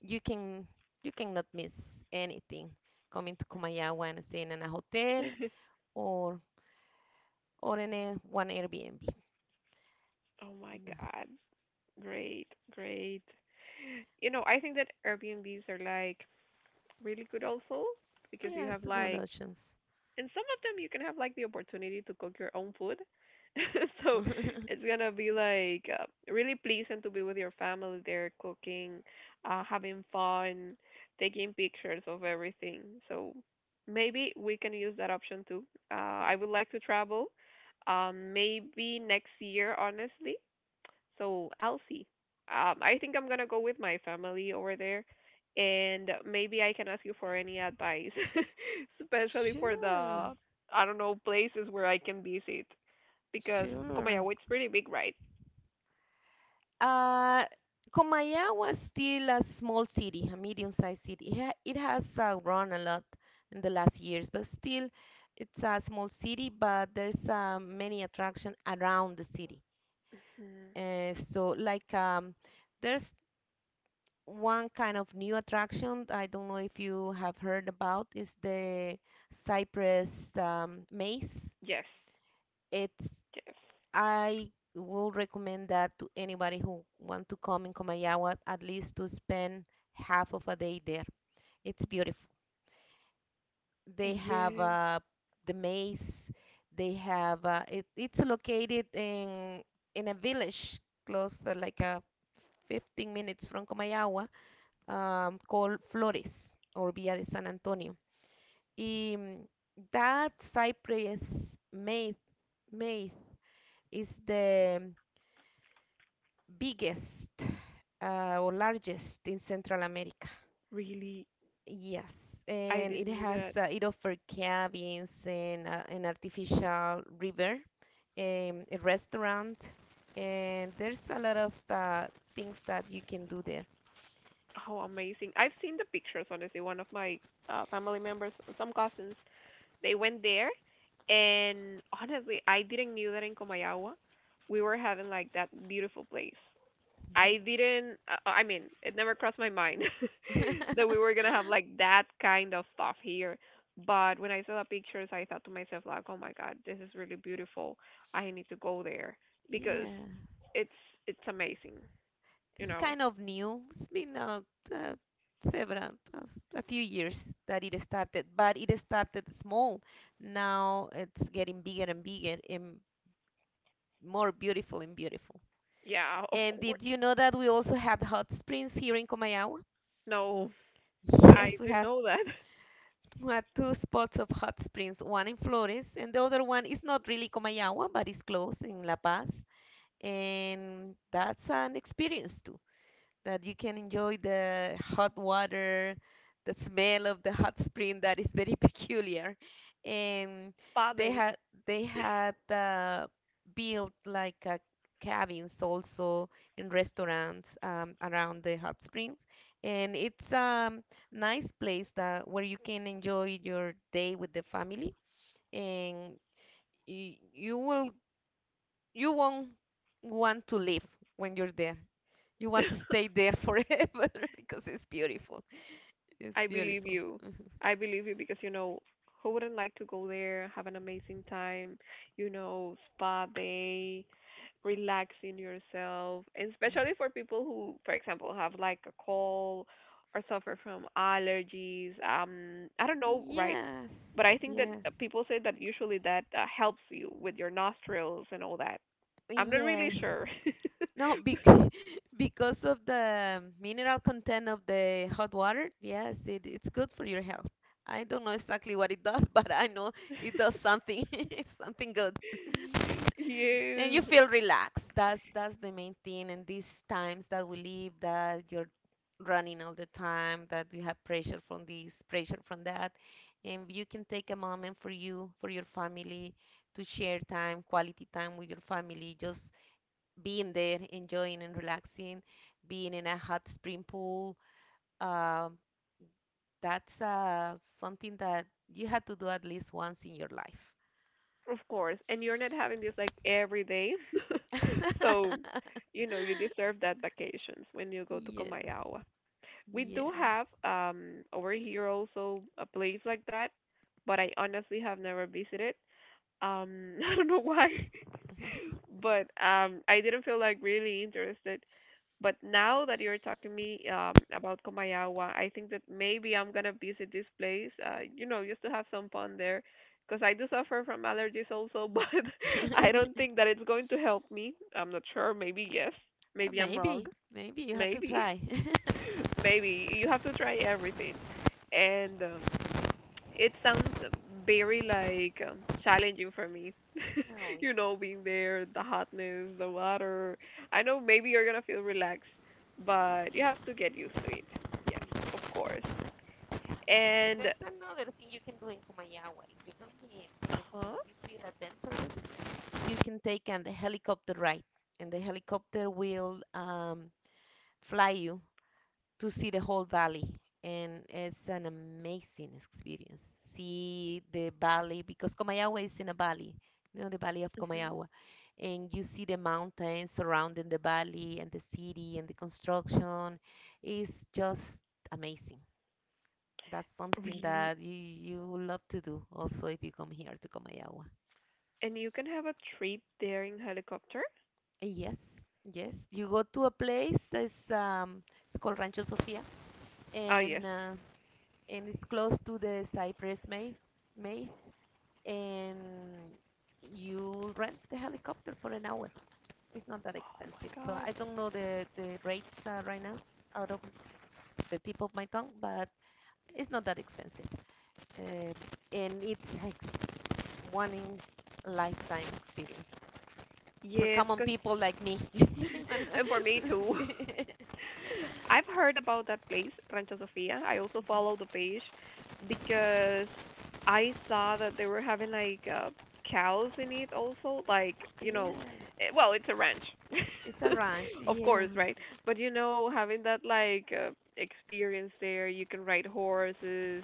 B: you can you cannot miss anything coming to Kumayawa and staying in a hotel or or in a, one Airbnb.
A: Oh my God. Great, great. You know, I think that Airbnbs are like really good also because you have
B: Yes, good
A: like
B: options.
A: and some of them you can have like the opportunity to cook your own food. *laughs* So
B: *laughs*
A: it's gonna be like uh, really pleasant to be with your family there cooking, uh, having fun, taking pictures of everything. So maybe we can use that option too. Uh, I would like to travel. Um, maybe next year, honestly. So I'll see. Um, I think I'm gonna go with my family over there, and maybe I can ask you for any advice, *laughs* especially for
B: Sure,
A: the I don't know places where I can visit because
B: sure.
A: Comayagua it's pretty big, right?
B: Uh, Comayagua is still a small city, a medium-sized city. It, ha it has uh, grown a lot in the last years, but still, it's a small city. But there's uh, many attractions around the city.
A: Hmm.
B: Uh, so, like, um, there's one kind of new attraction, I don't know if you have heard about, is the Cypress um, Maze.
A: Yes,
B: It's
A: yes,
B: I will recommend that to anybody who want to come in Comayagua at least to spend half of a day there. It's beautiful. They have
A: yes.
B: uh, the maze. They have uh, it, it's located in in a village close uh, like uh, fifteen minutes from Comayagua um, called Flores or Villa de San Antonio, and that Cypress myth, myth is the biggest uh, or largest in Central America.
A: Really,
B: Yes,
A: I
B: and it
A: didn't know that.
B: has uh, it offers cabins and uh, an artificial river, um, a restaurant, and there's a lot of uh, things that you can do there.
A: How amazing! I've seen the pictures. Honestly, one of my uh, family members, some cousins, they went there, and honestly, I didn't knew that in Comayagua, we were having like that beautiful place. I didn't. Uh, uh, I mean, it never crossed my mind *laughs* that we
B: *laughs*
A: were gonna have like that kind of stuff here. But when I saw the pictures, I thought to myself like, "Oh my God, this is really beautiful. I need to go there because
B: Yeah.
A: it's it's amazing." You
B: It's
A: know?
B: kind of new. It's been uh, uh, several, uh, a few years that it started, but it started small. Now it's getting bigger and bigger and more beautiful and beautiful.
A: Yeah, *laughs* of
B: And
A: course.
B: did you know that we also had hot springs here in Comayagua?
A: No, I
B: Yes, we
A: didn't
B: had
A: know that.
B: we had two spots of hot springs, one in Flores, and the other one is not really Comayagua, but it's close in La Paz. And that's an experience too, that you can enjoy the hot water, the smell of the hot spring that is very *laughs* peculiar. And
A: *laughs* Spa
B: they
A: day.
B: had they had uh, built like uh, cabins also in restaurants um, around the hot springs. And it's a nice place that where you can enjoy your day with the family, and you, you will you won't want to leave when you're there. You want to stay there forever *laughs* because it's beautiful. It's
A: I believe
B: beautiful.
A: you. I believe you because you know who wouldn't like to go there, have an amazing time, you know, spa day, relaxing yourself, and especially for people who, for example, have like a cold or suffer from allergies. Um, I don't know, right?
B: Yes,
A: But I think that uh,
B: yes,
A: people say that usually that uh, helps you with your nostrils and all that. I'm not really
B: yes.
A: sure.
B: No, bec
A: *laughs*
B: *laughs* because of the mineral content of the hot water, yes, it, it's good for your health. I don't know exactly what it does, *laughs* but I know it does something, *laughs* something good. *laughs* And you
A: Yes.
B: feel relaxed. That's that's the main thing. And these times that we live, that you're running all the time, that you have pressure from this, pressure from that, and you can take a moment for you, for your family, to share time, quality time with your family, just being there, enjoying and relaxing, being in a hot spring pool. Um, that's uh, something that you have to do at least once in your life.
A: Of course, and you're not having this like every day. *laughs*
B: *laughs*
A: So, you know, you deserve that vacations when you go to
B: Yes,
A: Comayawa. We do
B: yes.
A: have um over here also a place like that, but I honestly have never visited. Um, *laughs* I don't know why, *laughs* but um I didn't feel like really interested. But now that you're talking to me um, about Comayawa, I think that maybe I'm gonna visit this place. Uh, you know, just to have some fun there, because I do suffer from allergies also. *laughs* But I don't
B: *laughs*
A: think that it's going to help me. I'm not sure. Maybe yes. Maybe I'm wrong.
B: Maybe, maybe you have to
A: Maybe,
B: try. *laughs*
A: *laughs* maybe you have to try everything. And um, it sounds very like um, challenging for me.
B: No,
A: *laughs*
B: it-
A: You know, being there, the hotness, the water. I know maybe you're gonna feel relaxed, but you have to get used to it. Yes, of course. And
B: there's another thing you can do in Kumayawa. If you come here like, and
A: huh?
B: you feel adventurous, you can take an helicopter ride, and the helicopter will um, fly you to see the whole valley, and it's an amazing experience. See the valley, because Comayagua is in a valley. You know, the valley of
A: Hmm.
B: Comayagua, and you see the mountains surrounding the valley and the city and the construction. It's just amazing. That's something
A: Really?
B: that you you would love to do also if you come here to Comayagua.
A: And you can have a trip there in helicopter?
B: Yes, yes, you go to a place that's um it's called Rancho Sofia,
A: Ah, yes.
B: and uh, and it's close to the Cypress Maid, Maid, and you rent the helicopter for an hour. It's not that
A: Oh my
B: expensive. So
A: God.
B: I don't know the, the rates uh, right now out of the tip of my tongue, but it's not that expensive. Uh, and it's ex- one in lifetime experience for
A: Yes,
B: common
A: cause
B: people like me.
A: *laughs*
B: *laughs*
A: and for me too. *laughs* *laughs* I've heard about that place, Rancho Sofia. I also follow the page because I saw that they were having like uh, cows in it also, like, you know,
B: Yes,
A: eh, well, it's a ranch.
B: it's a
A: *laughs*
B: ranch.
A: Of
B: Yes,
A: course, right? But you know, having that like uh, experience there, you can ride horses,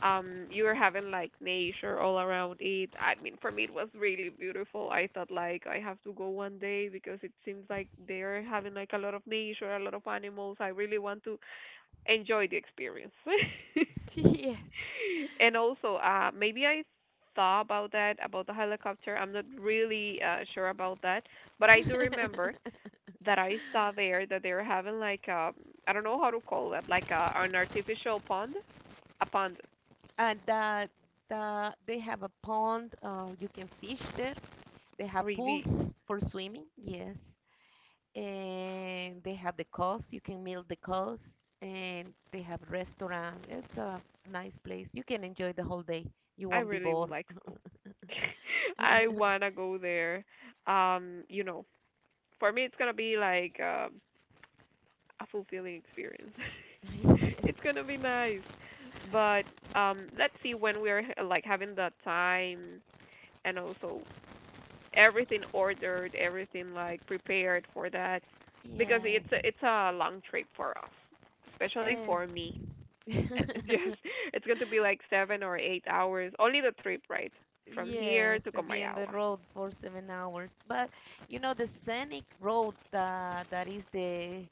A: um you were having like nature all around it. I mean, for me it was really beautiful. I thought like I have to go one day because it seems like they're having like a lot of nature, a lot of animals. I really want to enjoy the experience.
B: yes.
A: *laughs* And also uh maybe I thought about that, about the helicopter. I'm not really uh, sure about that, but I do remember
B: *laughs*
A: that I saw there that they were having like um I don't know how to call that, like a, an artificial pond. A pond
B: and that that they have a pond. Uh, you can fish there. They have pools
A: Really?
B: for swimming. Yes, and they have the coast. You can meal the coast, and they have restaurant. It's a nice place. You can enjoy the whole day. You
A: I
B: won't be
A: really
B: bored.
A: would like to go. *laughs* I
B: *laughs*
A: wanna go there. Um, you know, for me it's gonna be like um a fulfilling experience. *laughs*
B: Yes,
A: It's gonna be nice. But um let's see when we're h- like having the time and also everything ordered, everything like prepared for that, because
B: Yes.
A: it's a, it's a long trip for us, especially
B: And
A: for me. *laughs* Yes, it's going to be
B: *laughs*
A: like seven or eight hours only the trip, right? From here
B: yes,
A: to
B: to be on the
A: Comayagua.
B: road for seven hours. But you know the scenic road, that that is the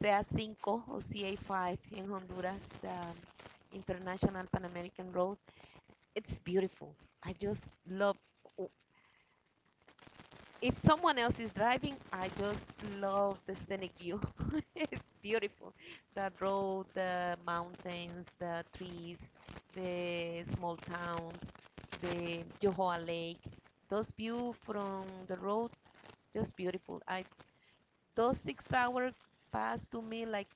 B: C A five, or C A five in Honduras, the International Pan American Road. It's beautiful. I just love. If someone else is driving, I just love the scenic view. *laughs* It's beautiful. The road, the mountains, the trees, the small towns, the Yohoa Lake. Those view from the road, just beautiful. I those six hours passed to me like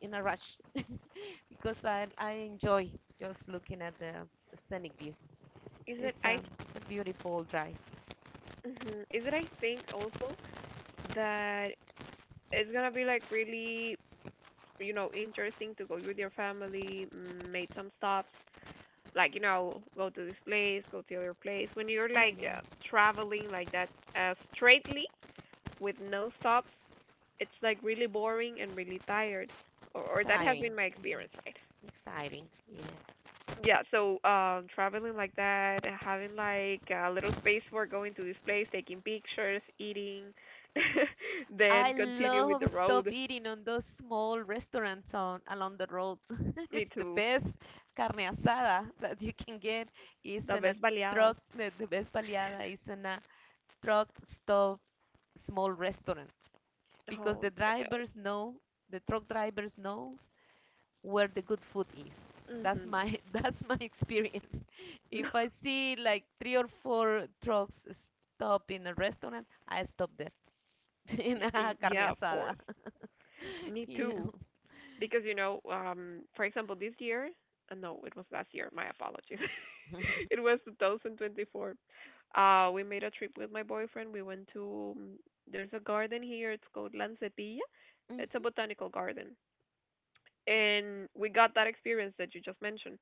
B: in a rush *laughs* because I, I enjoy just looking at the scenic view.
A: Is it
B: It's um,
A: I
B: a beautiful drive.
A: Hmm. is it I think also that it's gonna be like really, you know, interesting to go with your family, mm, make some stops, like, you know, go to this place, go to the other place. When you're
B: Ah,
A: like
B: yes,
A: uh, traveling like that uh straightly with no stops, it's like really boring and really tired. Or
B: it's
A: or that has
B: tiring.
A: been my
B: Mhm,
A: experience, right?
B: it's tiring, yes.
A: Yeah, so um, traveling like that, and having like a little space for going to this place, taking pictures, eating, *laughs* then
B: I
A: continue with
B: love
A: the
B: stop
A: road.
B: eating on those small restaurants on along the road. *laughs*
A: Me
B: It's the
A: too.
B: best carne asada that you can get. It's
A: The
B: in a
A: best baleadas.
B: truck. The, the best baleada is in a truck stop small restaurant because
A: Oh
B: the
A: yeah.
B: drivers know the truck drivers knows where the good food is. That's
A: Mhm.
B: my *laughs* that's my experience. *laughs* If I
A: *laughs*
B: see like three or four trucks stop in a restaurant, I stop there *laughs* in a
A: Y- Yeah,
B: carne
A: of course.
B: asada. *laughs*
A: Me
B: Yeah.
A: too. Because you know, um, for example, this year, uh, no, it was last year. My apologies. *laughs* It
B: *laughs*
A: was two thousand twenty-four. Uh, we made a trip with my boyfriend. We went to um, there's a garden here. It's called Lancetilla. It's a
B: Mhm.
A: botanical garden, and we got that experience that you just mentioned.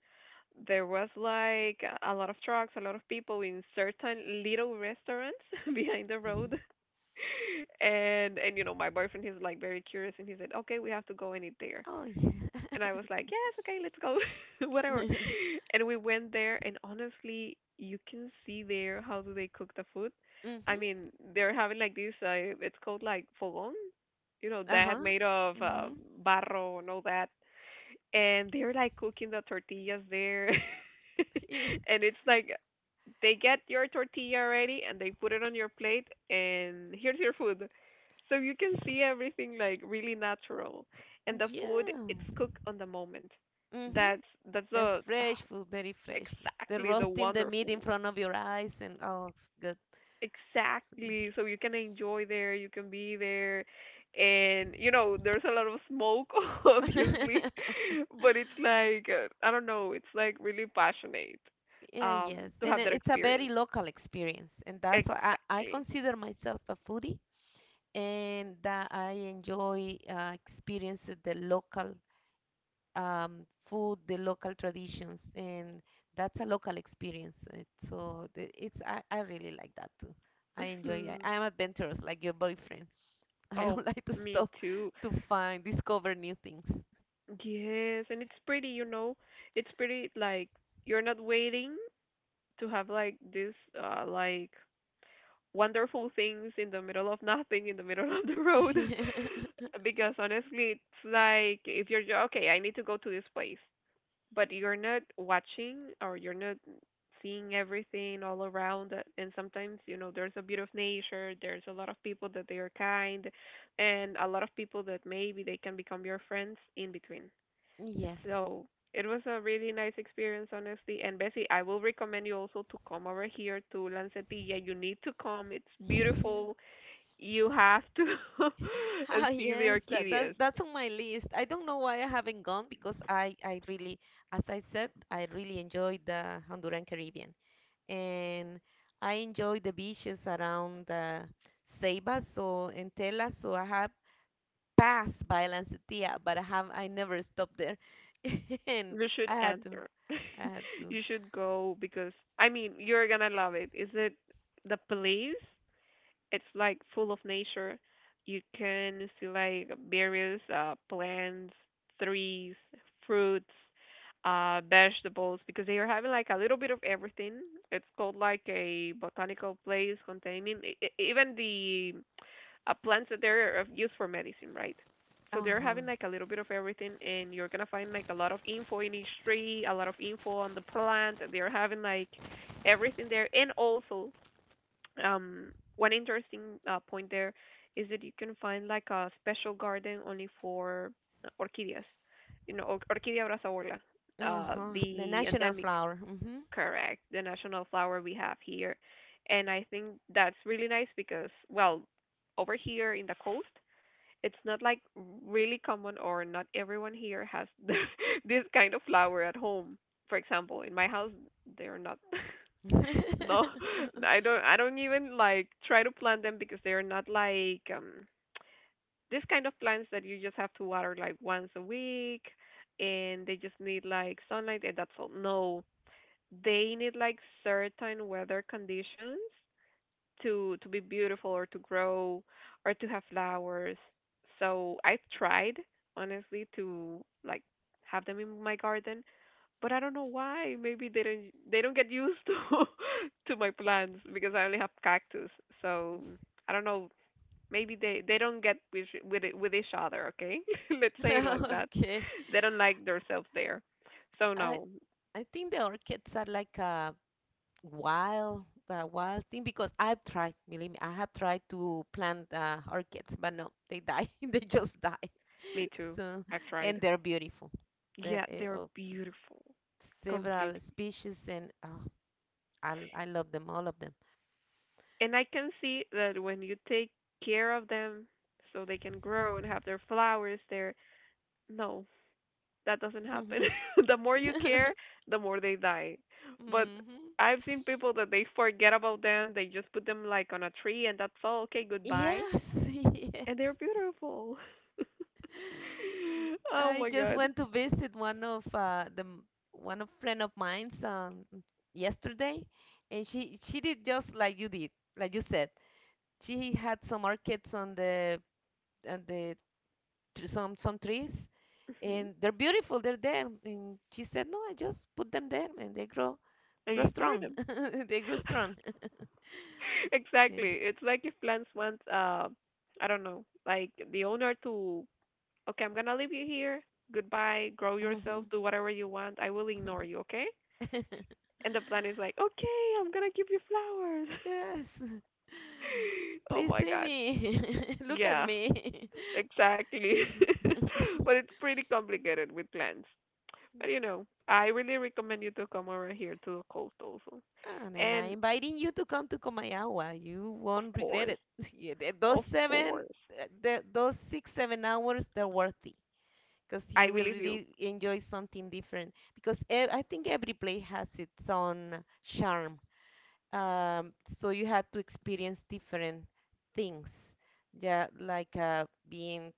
A: There was like a lot of trucks, a lot of people in certain little restaurants *laughs* behind the road,
B: *laughs*
A: *laughs* and and you know my boyfriend he's like very curious and he said, okay, we have to go and eat there,
B: Oh yeah.
A: and I was like, yes, okay, let's go, *laughs* whatever.
B: *laughs*
A: And we went there, and honestly, you can see there how do they cook the food. I
B: Mhm.
A: mean, they're having like this. Uh, it's called like fogón, you know,
B: Uh
A: that
B: huh.
A: made of uh,
B: Mhm.
A: barro and all that, and they're like cooking the tortillas there, *laughs*
B: Eh,
A: and it's like they get your tortilla ready and they put it on your plate and here's your food, so you can see everything like really natural,
B: *laughs*
A: and the food
B: yeah.
A: it's cooked on the moment.
B: Mhm.
A: that's that's
B: That's
A: the
B: fresh food, very
A: *sighs*
B: fresh food. The
A: exactly the
B: roasting the meat in
A: wonderful.
B: front of your eyes, and oh, it's good. So, yeah.
A: Exactly. So you can enjoy there, you can be there. And, you know, there's a lot of smoke, *laughs* obviously.
B: *laughs*
A: *laughs* But it's like, uh, I don't know, it's like really passionate
B: Yeah, yes,
A: um, to
B: and
A: have
B: it-
A: that
B: it's a very
A: experience.
B: local experience, and that's why I, I
A: Exactly.
B: consider myself a foodie, and that I enjoy uh, experiences the local um, food, the local traditions, and that's a local experience. Uh, So the- it's I, I really like that too. I enjoy it.
A: Hmm.
B: I'm adventurous, like your boyfriend. *laughs* I
A: Oh,
B: don't like to
A: me
B: stop
A: too.
B: to find, discover new things.
A: Yes. And it's pretty, you know, it's pretty like you're not waiting to have like this, uh, like, wonderful things in the middle of nothing, in the middle of the road.
B: *laughs*
A: *laughs* Because honestly, it's like if you're ju- okay, I need to go to this place, but you're not watching or you're not seeing everything all around, uh, and sometimes you know there's a bit of nature, there's a lot of people that they are kind, and a lot of people that maybe they can become your friends in between,
B: Yeah. Yes.
A: so it was a really nice experience, honestly. And Bessie, I will recommend you also to come over here to Lancetilla. You need to come. It's beautiful. You have to *laughs*
B: Ah,
A: see the
B: yes, that, that's
A: orchideas.
B: that's on my list. I don't know why I haven't gone because I I really, as I said, I really enjoyed the Honduran Caribbean, and I enjoy the beaches around uh, Ceiba, so and Tela. So I have passed by Lancetia, but I have I never stopped there, *laughs* and
A: You should
B: I had to,
A: enter. *laughs*
B: I had to.
A: You should go because I mean you're gonna love it. Is it the place? It's like full of nature. You can see like various uh, plants, trees, fruits, uh, vegetables because they are having like a little bit of everything. It's called like a botanical place containing e- e- even the uh, plants that they're of use for medicine, right? So they're
B: Uh-huh,
A: having like a little bit of everything, and you're gonna find like a lot of info in each tree, a lot of info on the plant. They're having like everything there, and also um, one interesting uh, point there is that you can find like a special garden only for uh, orchideas, you know, or- Orchidea brazaorla, uh,
B: uh-huh. The
A: the
B: national
A: endemic,
B: flower. Mm-hmm.
A: correct, the national flower we have here. And I think that's really nice because, well, over here in the coast, it's not like really common or not everyone here has *laughs* this kind of flower at home. For example, in my house, they're not. *laughs*
B: *laughs*
A: No, *laughs* I don't. I don't even like try to plant them because they're not like um this kind of plants that you just have to water like once a week, and they just need like sunlight and that's all. No, they need like certain weather conditions to to be beautiful or to grow or to have flowers. So I've tried honestly to like have them in my garden, but I don't know why. Maybe they don't they don't get used to *laughs* to my plants because I only have cactus. So I don't know. Maybe they they don't get with with it- with each other. Okay, *laughs* let's say it like that.
B: Okay.
A: They don't like themselves there. So
B: I
A: no,
B: I think the orchids are like a wild that wild thing because I've tried, believe me, I have tried to plant uh, orchids, but no, they die. *laughs* They just die.
A: me too.
B: So,
A: I've
B: and
A: tried.
B: they're beautiful. The
A: Yeah,
B: uh,
A: they're
B: Of
A: beautiful,
B: several
A: completely.
B: species, and oh, I l- I love them, all of them.
A: And I can see that when you take care of them, so they can grow and have their flowers there. No, that doesn't happen.
B: *laughs*
A: *laughs* The more you care, the more they die. But
B: hmm
A: I've seen people that they forget about them. They just put them like on a tree, and that's all. Okay, goodbye.
B: Yes, *laughs* yes.
A: And they're beautiful. *laughs* Oh
B: I
A: my
B: just
A: God.
B: went to visit one of uh, the m- one of friend of mine's um, yesterday, and she she did just like you did, like you said. She had some orchids on the on the tr- some some trees,
A: Hmm.
B: and they're beautiful, they're there. And she said, no, I just put them there, and they grow
A: And you
B: grow
A: ignore
B: strong.
A: them.
B: *laughs* They grow strong.
A: *laughs*
B: *laughs* Yeah.
A: Exactly. It's like if plants want, uh, I don't know, like the owner to, okay, I'm gonna leave you here. Goodbye. Grow yourself.
B: Mhm.
A: Do whatever you want. I will ignore you. Okay.
B: *laughs*
A: And the plant is like, okay, I'm gonna give you flowers.
B: Yes,
A: *laughs* Oh
B: please
A: my
B: see
A: God.
B: me, *laughs* look at
A: Yeah,
B: me. *laughs*
A: exactly.
B: Yeah. *laughs*
A: *laughs* But it's pretty complicated with plants. But you know, I really recommend you to come over here to the coast also.
B: And then I'm
A: And
B: inviting you to come to Komayawa. You
A: of
B: won't regret
A: course,
B: it. *laughs* Yeah, th- those
A: of
B: seven
A: course,
B: th- th- those six seven hours, they're worthy because
A: I
B: you will
A: believe you.
B: really enjoy something different. Because ev- I think every place has its own charm. Um, so you had to experience different things. Yeah, like uh, being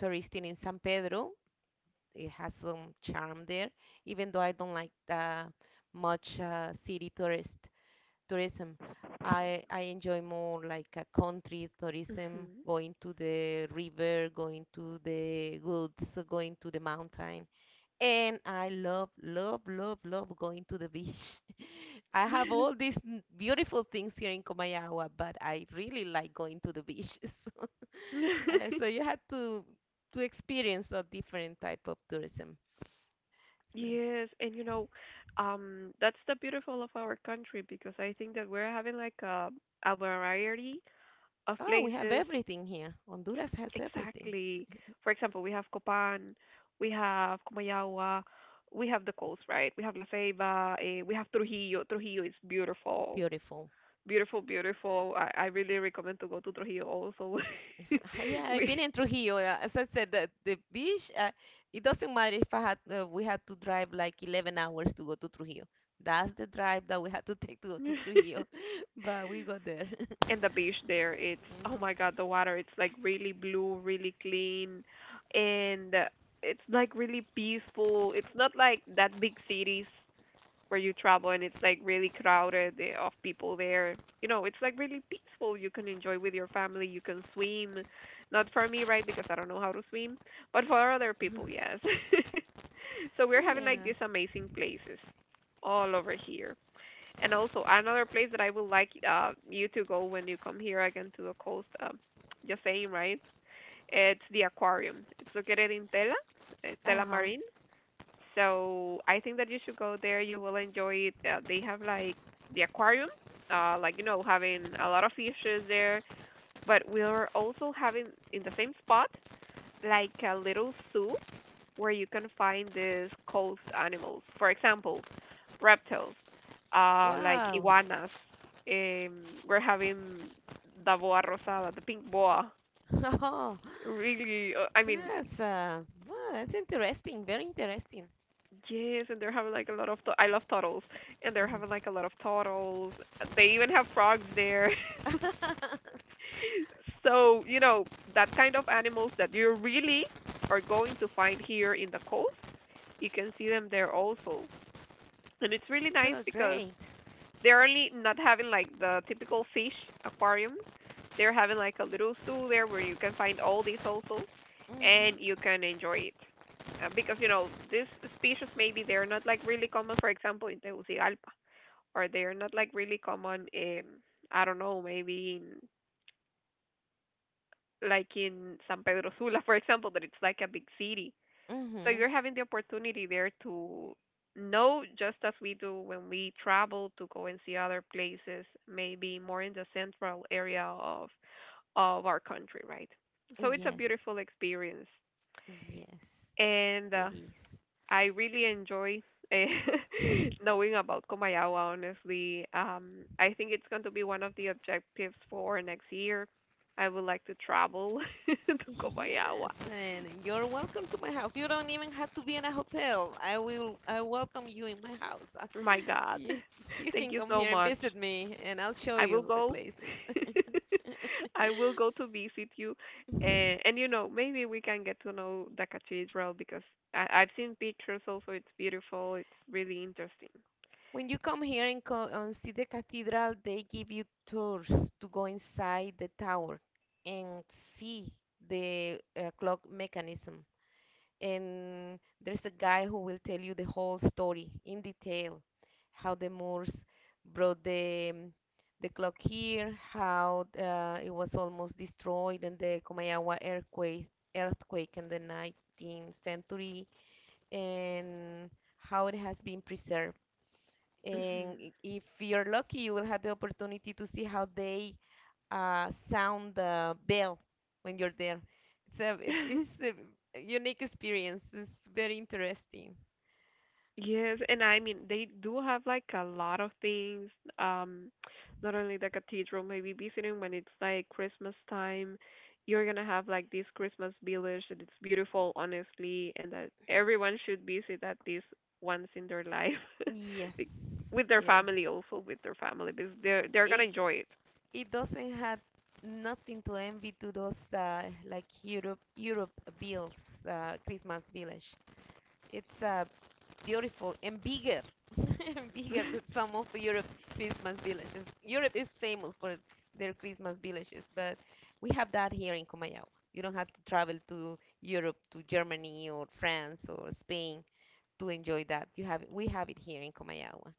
B: touristing in San Pedro, it has some charm there, even though I don't like the much uh, city tourist tourism. I, I enjoy more like a country tourism,
A: Hmm.
B: going to the river, going to the woods, going to the mountain, and I love, love, love, love going to the beach. *laughs* I have all these n- beautiful things here in Comayagua, but I really like going to the beach. *laughs* So, uh,
A: *laughs*
B: so you had to to experience a different type of tourism.
A: Yes, and you know, um, that's the beautiful of our country because I think that we're having like a a variety of
B: Oh, we have
A: places.
B: everything here. Honduras has everything.
A: Exactly. For example, we have Copan, we have Comayagua, we have the coast, right? We have La Ceiba, eh, we have Trujillo. Trujillo is beautiful.
B: Beautiful.
A: Beautiful, beautiful. I, I really recommend to go to Trujillo also.
B: *laughs* Yeah,
A: *laughs*
B: I've
A: We
B: been in Trujillo. uh, As I said, the, the beach, uh, it doesn't matter if I had uh, we had to drive like eleven hours to go to Trujillo. That's the drive that we had to *laughs* take to go to Trujillo,
A: *laughs*
B: *laughs* but we got there.
A: and the beach there, it's oh my
B: Mhm.
A: God, the water, it's like really blue, really clean, and uh, it's like really peaceful. It's not like that big cities where you travel and it's like really crowded eh, of people there. You know, it's like really peaceful. You can enjoy with your family. You can swim. Not for me, right? Because I don't know how to swim. But for other people, yes. *laughs* So we're having like
B: Yes.
A: these amazing places all over here. And also another place that I would like uh, you to go when you come here again to the coast. Um, just saying, right? It's the aquarium. It's located in Tela, eh, Tela
B: Uh-huh.
A: Marine. So I think that you should go there. You will enjoy it. Uh, they have like the aquarium, uh, like you know, having a lot of fishes there. But we are also having in the same spot like a little zoo where you can find these coast animals. For example, reptiles, uh, like
B: Wow.
A: iguanas. Um, we're having the boa rosada, the pink boa.
B: *laughs* Oh,
A: Really, uh, I mean,
B: that's uh, wow, that's interesting. Very interesting.
A: yes, and they're having like a lot of tu- I love turtles, and they're having
B: Uh-huh.
A: like a lot of turtles. They even have frogs there. *laughs*
B: *laughs*
A: So, you know, that kind of animals that you really are going to find here in the coast, you can see them there also. And it's really nice
B: Good,
A: because
B: great.
A: they're only not having like the typical fish aquarium. They're having like a little zoo there where you can find all these also, and you
B: Mm-hmm.
A: can enjoy it. Uh, because you know these species maybe they're not like really common. For example, in Tegucigalpa, or they're not like really common in I don't know maybe in like in San Pedro Sula, *laughs* for example, that it's like a big city so
B: Mm-hmm.
A: you're having the opportunity there to know, just as we do when we travel to go and see other places, maybe more in the central area of of our country, right? So it's a
B: Yes.
A: beautiful experience,
B: Yes,
A: and uh,
B: it is.
A: I really enjoy eh, *laughs* knowing about Comayagua. Honestly, um, I think it's going to be one of the objectives for next year. I would like to travel *laughs* to
B: Yes,
A: Comayagua.
B: and you're welcome to my house. You don't even have to be in a hotel. I will, I welcome you in my house. Uh,
A: Oh my God.
B: You,
A: *laughs*
B: you
A: Thank
B: can
A: you
B: come
A: so
B: here and
A: much.
B: visit me, and I'll show
A: I will
B: you the
A: go.
B: places.
A: *laughs* I will go to visit you, and
B: *laughs*
A: and you know maybe we can get to know the cathedral because I I've seen pictures also. It's beautiful. It's really interesting.
B: When you come here and, co- and see the cathedral, they give you tours to go inside the tower and see the uh, clock mechanism. And there's a guy who will tell you the whole story in detail, how the Moors brought the um, the clock here, how uh, it was almost destroyed in the Comayawa earthquake earthquake in the nineteenth century, and how it has been preserved. And if you're lucky, you will have the opportunity to see how they uh, sound the bell when you're there. So it- it's
A: *laughs*
B: a unique experience. It's very interesting.
A: Yes, and I mean they do have like a lot of things. Um, Not only the cathedral, maybe visiting when it's like Christmas time, you're gonna have like this Christmas village that it's beautiful, honestly, and that everyone should visit at least once in their life, *laughs*
B: Yes,
A: Be- with their
B: yes.
A: family also with their family because they're they're
B: It
A: gonna enjoy
B: it doesn't have nothing to envy to those uh, like Europe Europe bills, uh, Christmas village. It's a beautiful and bigger *laughs*
A: it.
B: bigger than
A: *laughs*
B: some of Europe's Christmas villages. Europe is famous for their Christmas villages, but we have that here in Comayagua. You don't have to travel to Europe, to Germany or France or Spain to enjoy that. You have we have it here in Comayagua.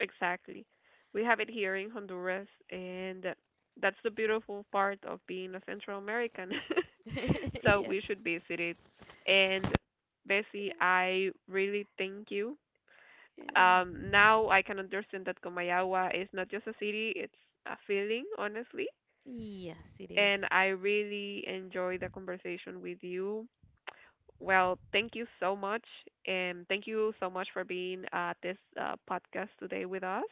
A: Exactly. We have it here in Honduras, and that's the beautiful part of being a Central American. *laughs*
B: *laughs*
A: So
B: Yes.
A: we should visit it. And Bessie, I really thank you.
B: Yeah.
A: Um, now I can understand that Comayagua is not just a city, it's a feeling, honestly.
B: Yes, it is.
A: And I really enjoy the conversation with you. Well, thank you so much, and thank you so much for being at this uh, podcast today with us.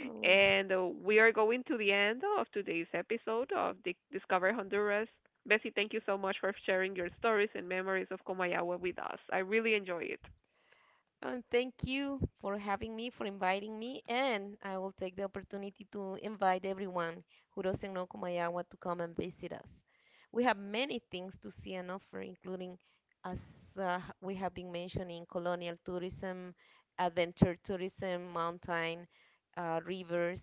B: Oh.
A: And uh, we are going to the end of today's episode of Di- Discover Honduras. Bessie, thank you so much for sharing your stories and memories of Comayagua with us. I really enjoy it.
B: And thank you for having me, for inviting me, and I will take the opportunity to invite everyone who doesn't know Kumayawa to come and visit us. We have many things to see and offer, including, as uh, we have been mentioning, colonial tourism, adventure tourism, mountain, uh, rivers,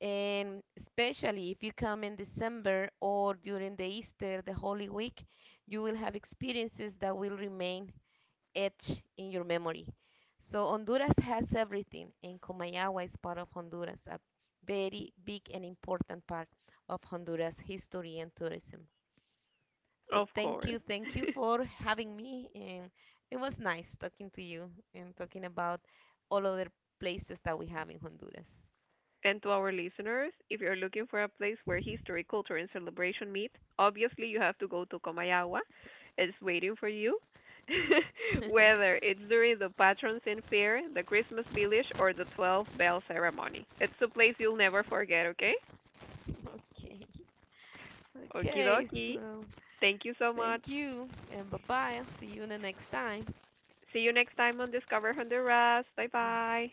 B: and especially if you come in December or during the Easter, the Holy Week, you will have experiences that will remain etched in your memory. So Honduras has everything, and Comayagua is part of Honduras, a very big and important part of Honduras history and tourism. So
A: Of
B: thank
A: course.
B: you, thank you
A: *laughs*
B: for having me, and it was nice talking to you and talking about all other places that we have in Honduras.
A: And to our listeners, if you're looking for a place where history, culture, and celebration meet, obviously you have to go to Comayagua. It's waiting for you. *laughs*
B: *laughs*
A: Whether it's during the Patrons in Fair, the Christmas Village, or the twelve Bell Ceremony, it's a place you'll never forget, okay?
B: Okay.
A: Okie
B: Okay,
A: dokie.
B: so
A: Thank you so much.
B: thank you, and bye bye. See you in the next time.
A: See you next time on Discover Honduras. Bye bye.